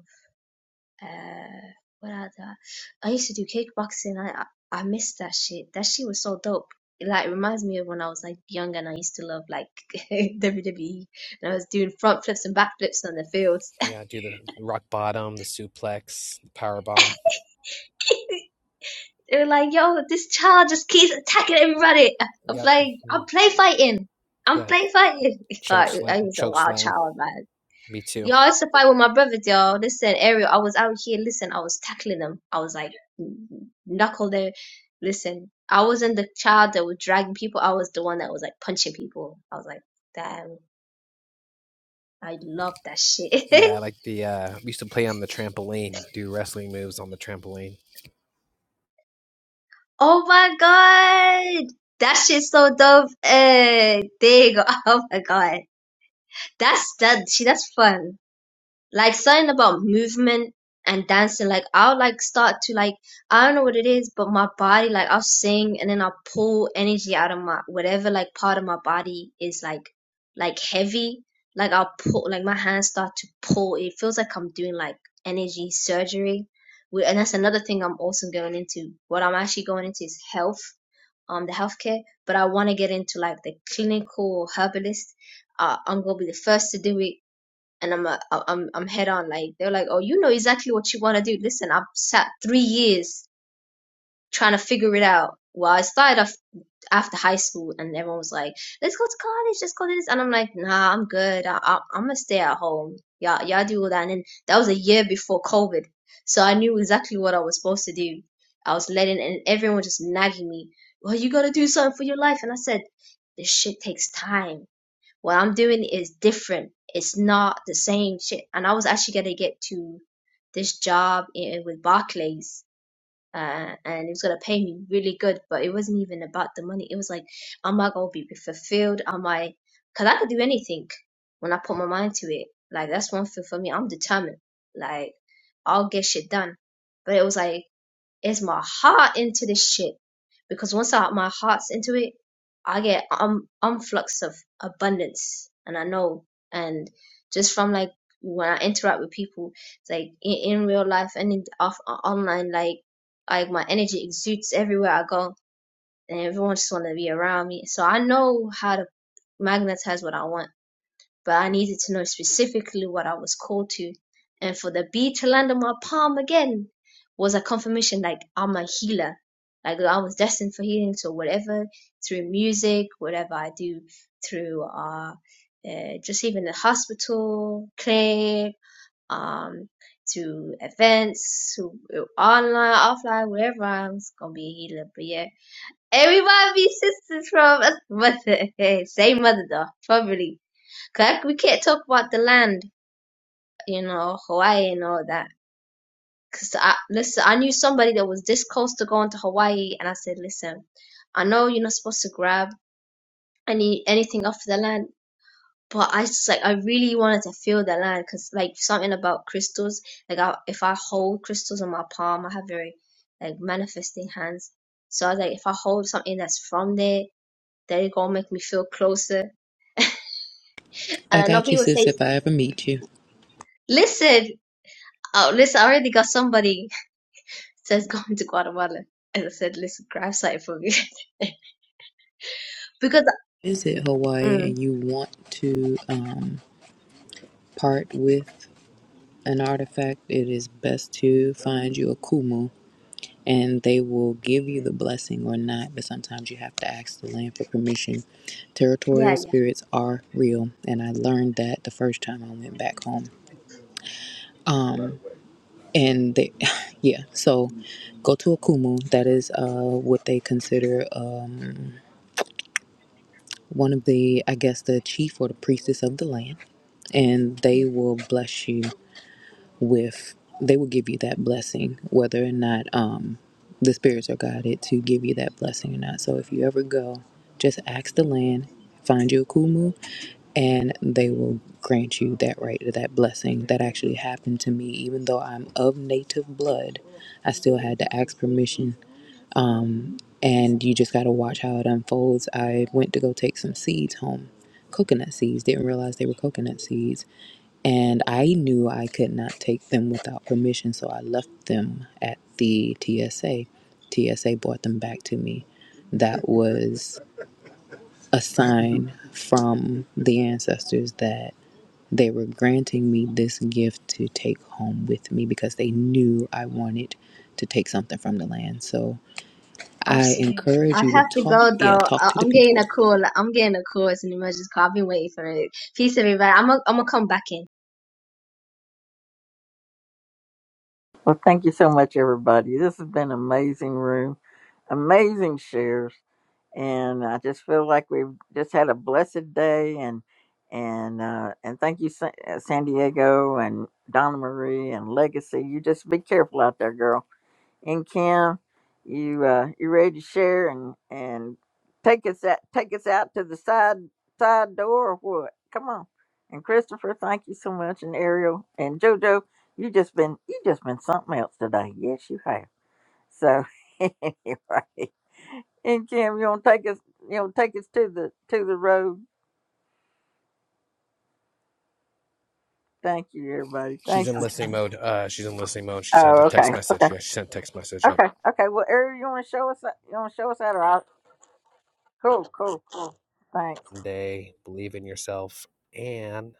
Uh, what other? I used to do kickboxing. I I I miss that shit. That shit was so dope. It, like reminds me of when I was like young and I used to love like WWE and I was doing front flips and back flips on the fields.
Yeah, do the rock bottom, the suplex, the power bomb.
they were like, "Yo, this child just keeps attacking everybody." I'm
Yep.
like,
mhm.
"I'm play fighting. I'm
Yeah,
play fighting."
choke
Like, I
slam,
was a
choke
wild
slam.
child, man.
Me too.
Y'all, it's a fight with my brothers, y'all. Listen, Ariel, I was out here. Listen, I was tackling them. I was like, knuckle there. Listen, I wasn't the child that was dragging people. I was the one that was like punching people. I was like, damn, I love that shit.
Yeah, I like the. uh we used to play on the trampoline, do wrestling moves on the trampoline.
oh my god, that shit's so dope. Eh, there you go. Oh my god, that's that. Shit, that's fun. like something about movement and dancing. Like I'll like start to like I don't know what it is, but my body like I'll sing and then I'll pull energy out of my whatever like part of my body is like like heavy. Like I'll pull like my hands start to pull. It feels like I'm doing like energy surgery. And that's another thing I'm also going into. What I'm actually going into is health, um, the healthcare. But I want to get into like the clinical herbalist. Uh, I'm gonna be the first to do it and I'm a, I'm I'm head on. Like they're like, oh, you know exactly what you want to do. Listen, I've sat three years trying to figure it out. Well, I started off after high school, and everyone was like, let's go to college, let's go to this, and I'm like, nah, I'm good. I, I, I'm gonna stay at home. Y'all, y'all do all that. And then that was a year before COVID, so I knew exactly what I was supposed to do. I was letting, and everyone just nagging me. Well, you gotta do something for your life, and I said, this shit takes time what I'm doing is different. It's not the same shit. And I was actually gonna get to this job in, with Barclays, uh, and it was gonna pay me really good, but it wasn't even about the money. It was like, am I gonna be fulfilled? Am I? Cause I could do anything when I put my mind to it. Like that's one thing for me. I'm determined. Like I'll get shit done. But it was like is my heart into this shit. Because once I, my heart's into it, I get um influx of abundance, and I know. And just from like when I interact with people, it's like in, in real life and in off online, like like my energy exudes everywhere I go, and everyone just want to be around me. So I know how to magnetize what I want but I needed to know specifically what I was called to. And for the bee to land on my palm again was a confirmation like I'm a healer. Like I was destined for healing. So whatever through music, whatever I do through uh, uh just even the hospital, clinic, um to events, to online, offline, wherever I'm gonna be a healer. But yeah. Everybody be sisters from us mother. Same mother though, probably. Like we can't talk about the land, you know, Hawaii and all that. Cause I listen, I knew somebody that was this close to going to Hawaii, and I said, listen, I know you're not supposed to grab any anything off the land, but I just like I really wanted to feel the land, cause like something about crystals, like I, if I hold crystals in my palm, I have very like manifesting hands. So I was like, if I hold something that's from there, that it gonna make me feel closer. And
I
I know
got you,
people
sis,
say,
if I ever meet you.
listen, oh, listen, I already got somebody says going to Guatemala. And I said, listen, grab site for me. because,
Visit Hawaii
mm,
and you want to um, part with an artifact, it is best to find you a kumu and they will give you the blessing or not. But sometimes you have to ask the land for permission.
yeah,
Territorial
yeah,
spirits are real, and I learned that the first time I went back home. and they, yeah, so go to Akumu. That is uh, what they consider um, one of the, I guess, the chief or the priestess of the land, and
yeah,
they will bless you with they will give you that blessing whether or not um the spirits are guided to give you that blessing or not so if you ever go just ask the land find you a kumu and they will grant you that right to that blessing that actually happened to me even though i'm of native blood i still had to ask permission um and you just got to watch how it unfolds i went to go take some seeds home coconut seeds didn't realize they were coconut seeds and I knew I could not take them without permission, so I left them at the TSA. TSA brought them back to me. That was a sign from the ancestors that they were granting me this gift to take home with me because they knew I wanted to take something from the land. So I
absolutely.
encourage
I
you to
have to
talk,
go
yeah,
though.
talk
I-
to the
I'm getting
people.
a call. I'm getting a call. It's an emergency call. I've been waiting for it. Peace, everybody. I'm gonna I'm gonna come back in.
well thank you so much everybody this has been an amazing room amazing shares and I just feel like we've just had a blessed day and and uh, and thank you Sa- uh, San Diego and Donna Marie and Legacy. You just be careful out there, girl. And Kim, you uh, you ready to share and and take us out take us out to the side side door or what? Come on. And Christopher, thank you so much. And Ariel and JoJo, you just been you just been something else today. Yes, you have. So anyway, and Kim, you want to take us? You want to take us to the to the road? Thank you, everybody.
She's
Thank
in
you.
listening mode. Uh, she's in listening mode. She sent
Oh,
a
okay,
text message. Yeah, she sent a text message. Yep.
okay, okay. Well, Ariel, you want to show us? that- You want to show us that? Or I, cool, cool. Thanks.
Day, believe in yourself, and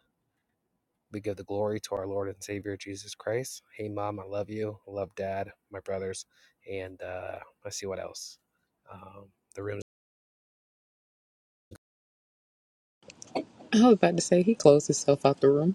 we give the glory to our Lord and Savior Jesus Christ. Hey, mom, I love you. I love dad, my brothers, and uh, let's see what else. Um, the real.
I was about to say he closed himself out the room.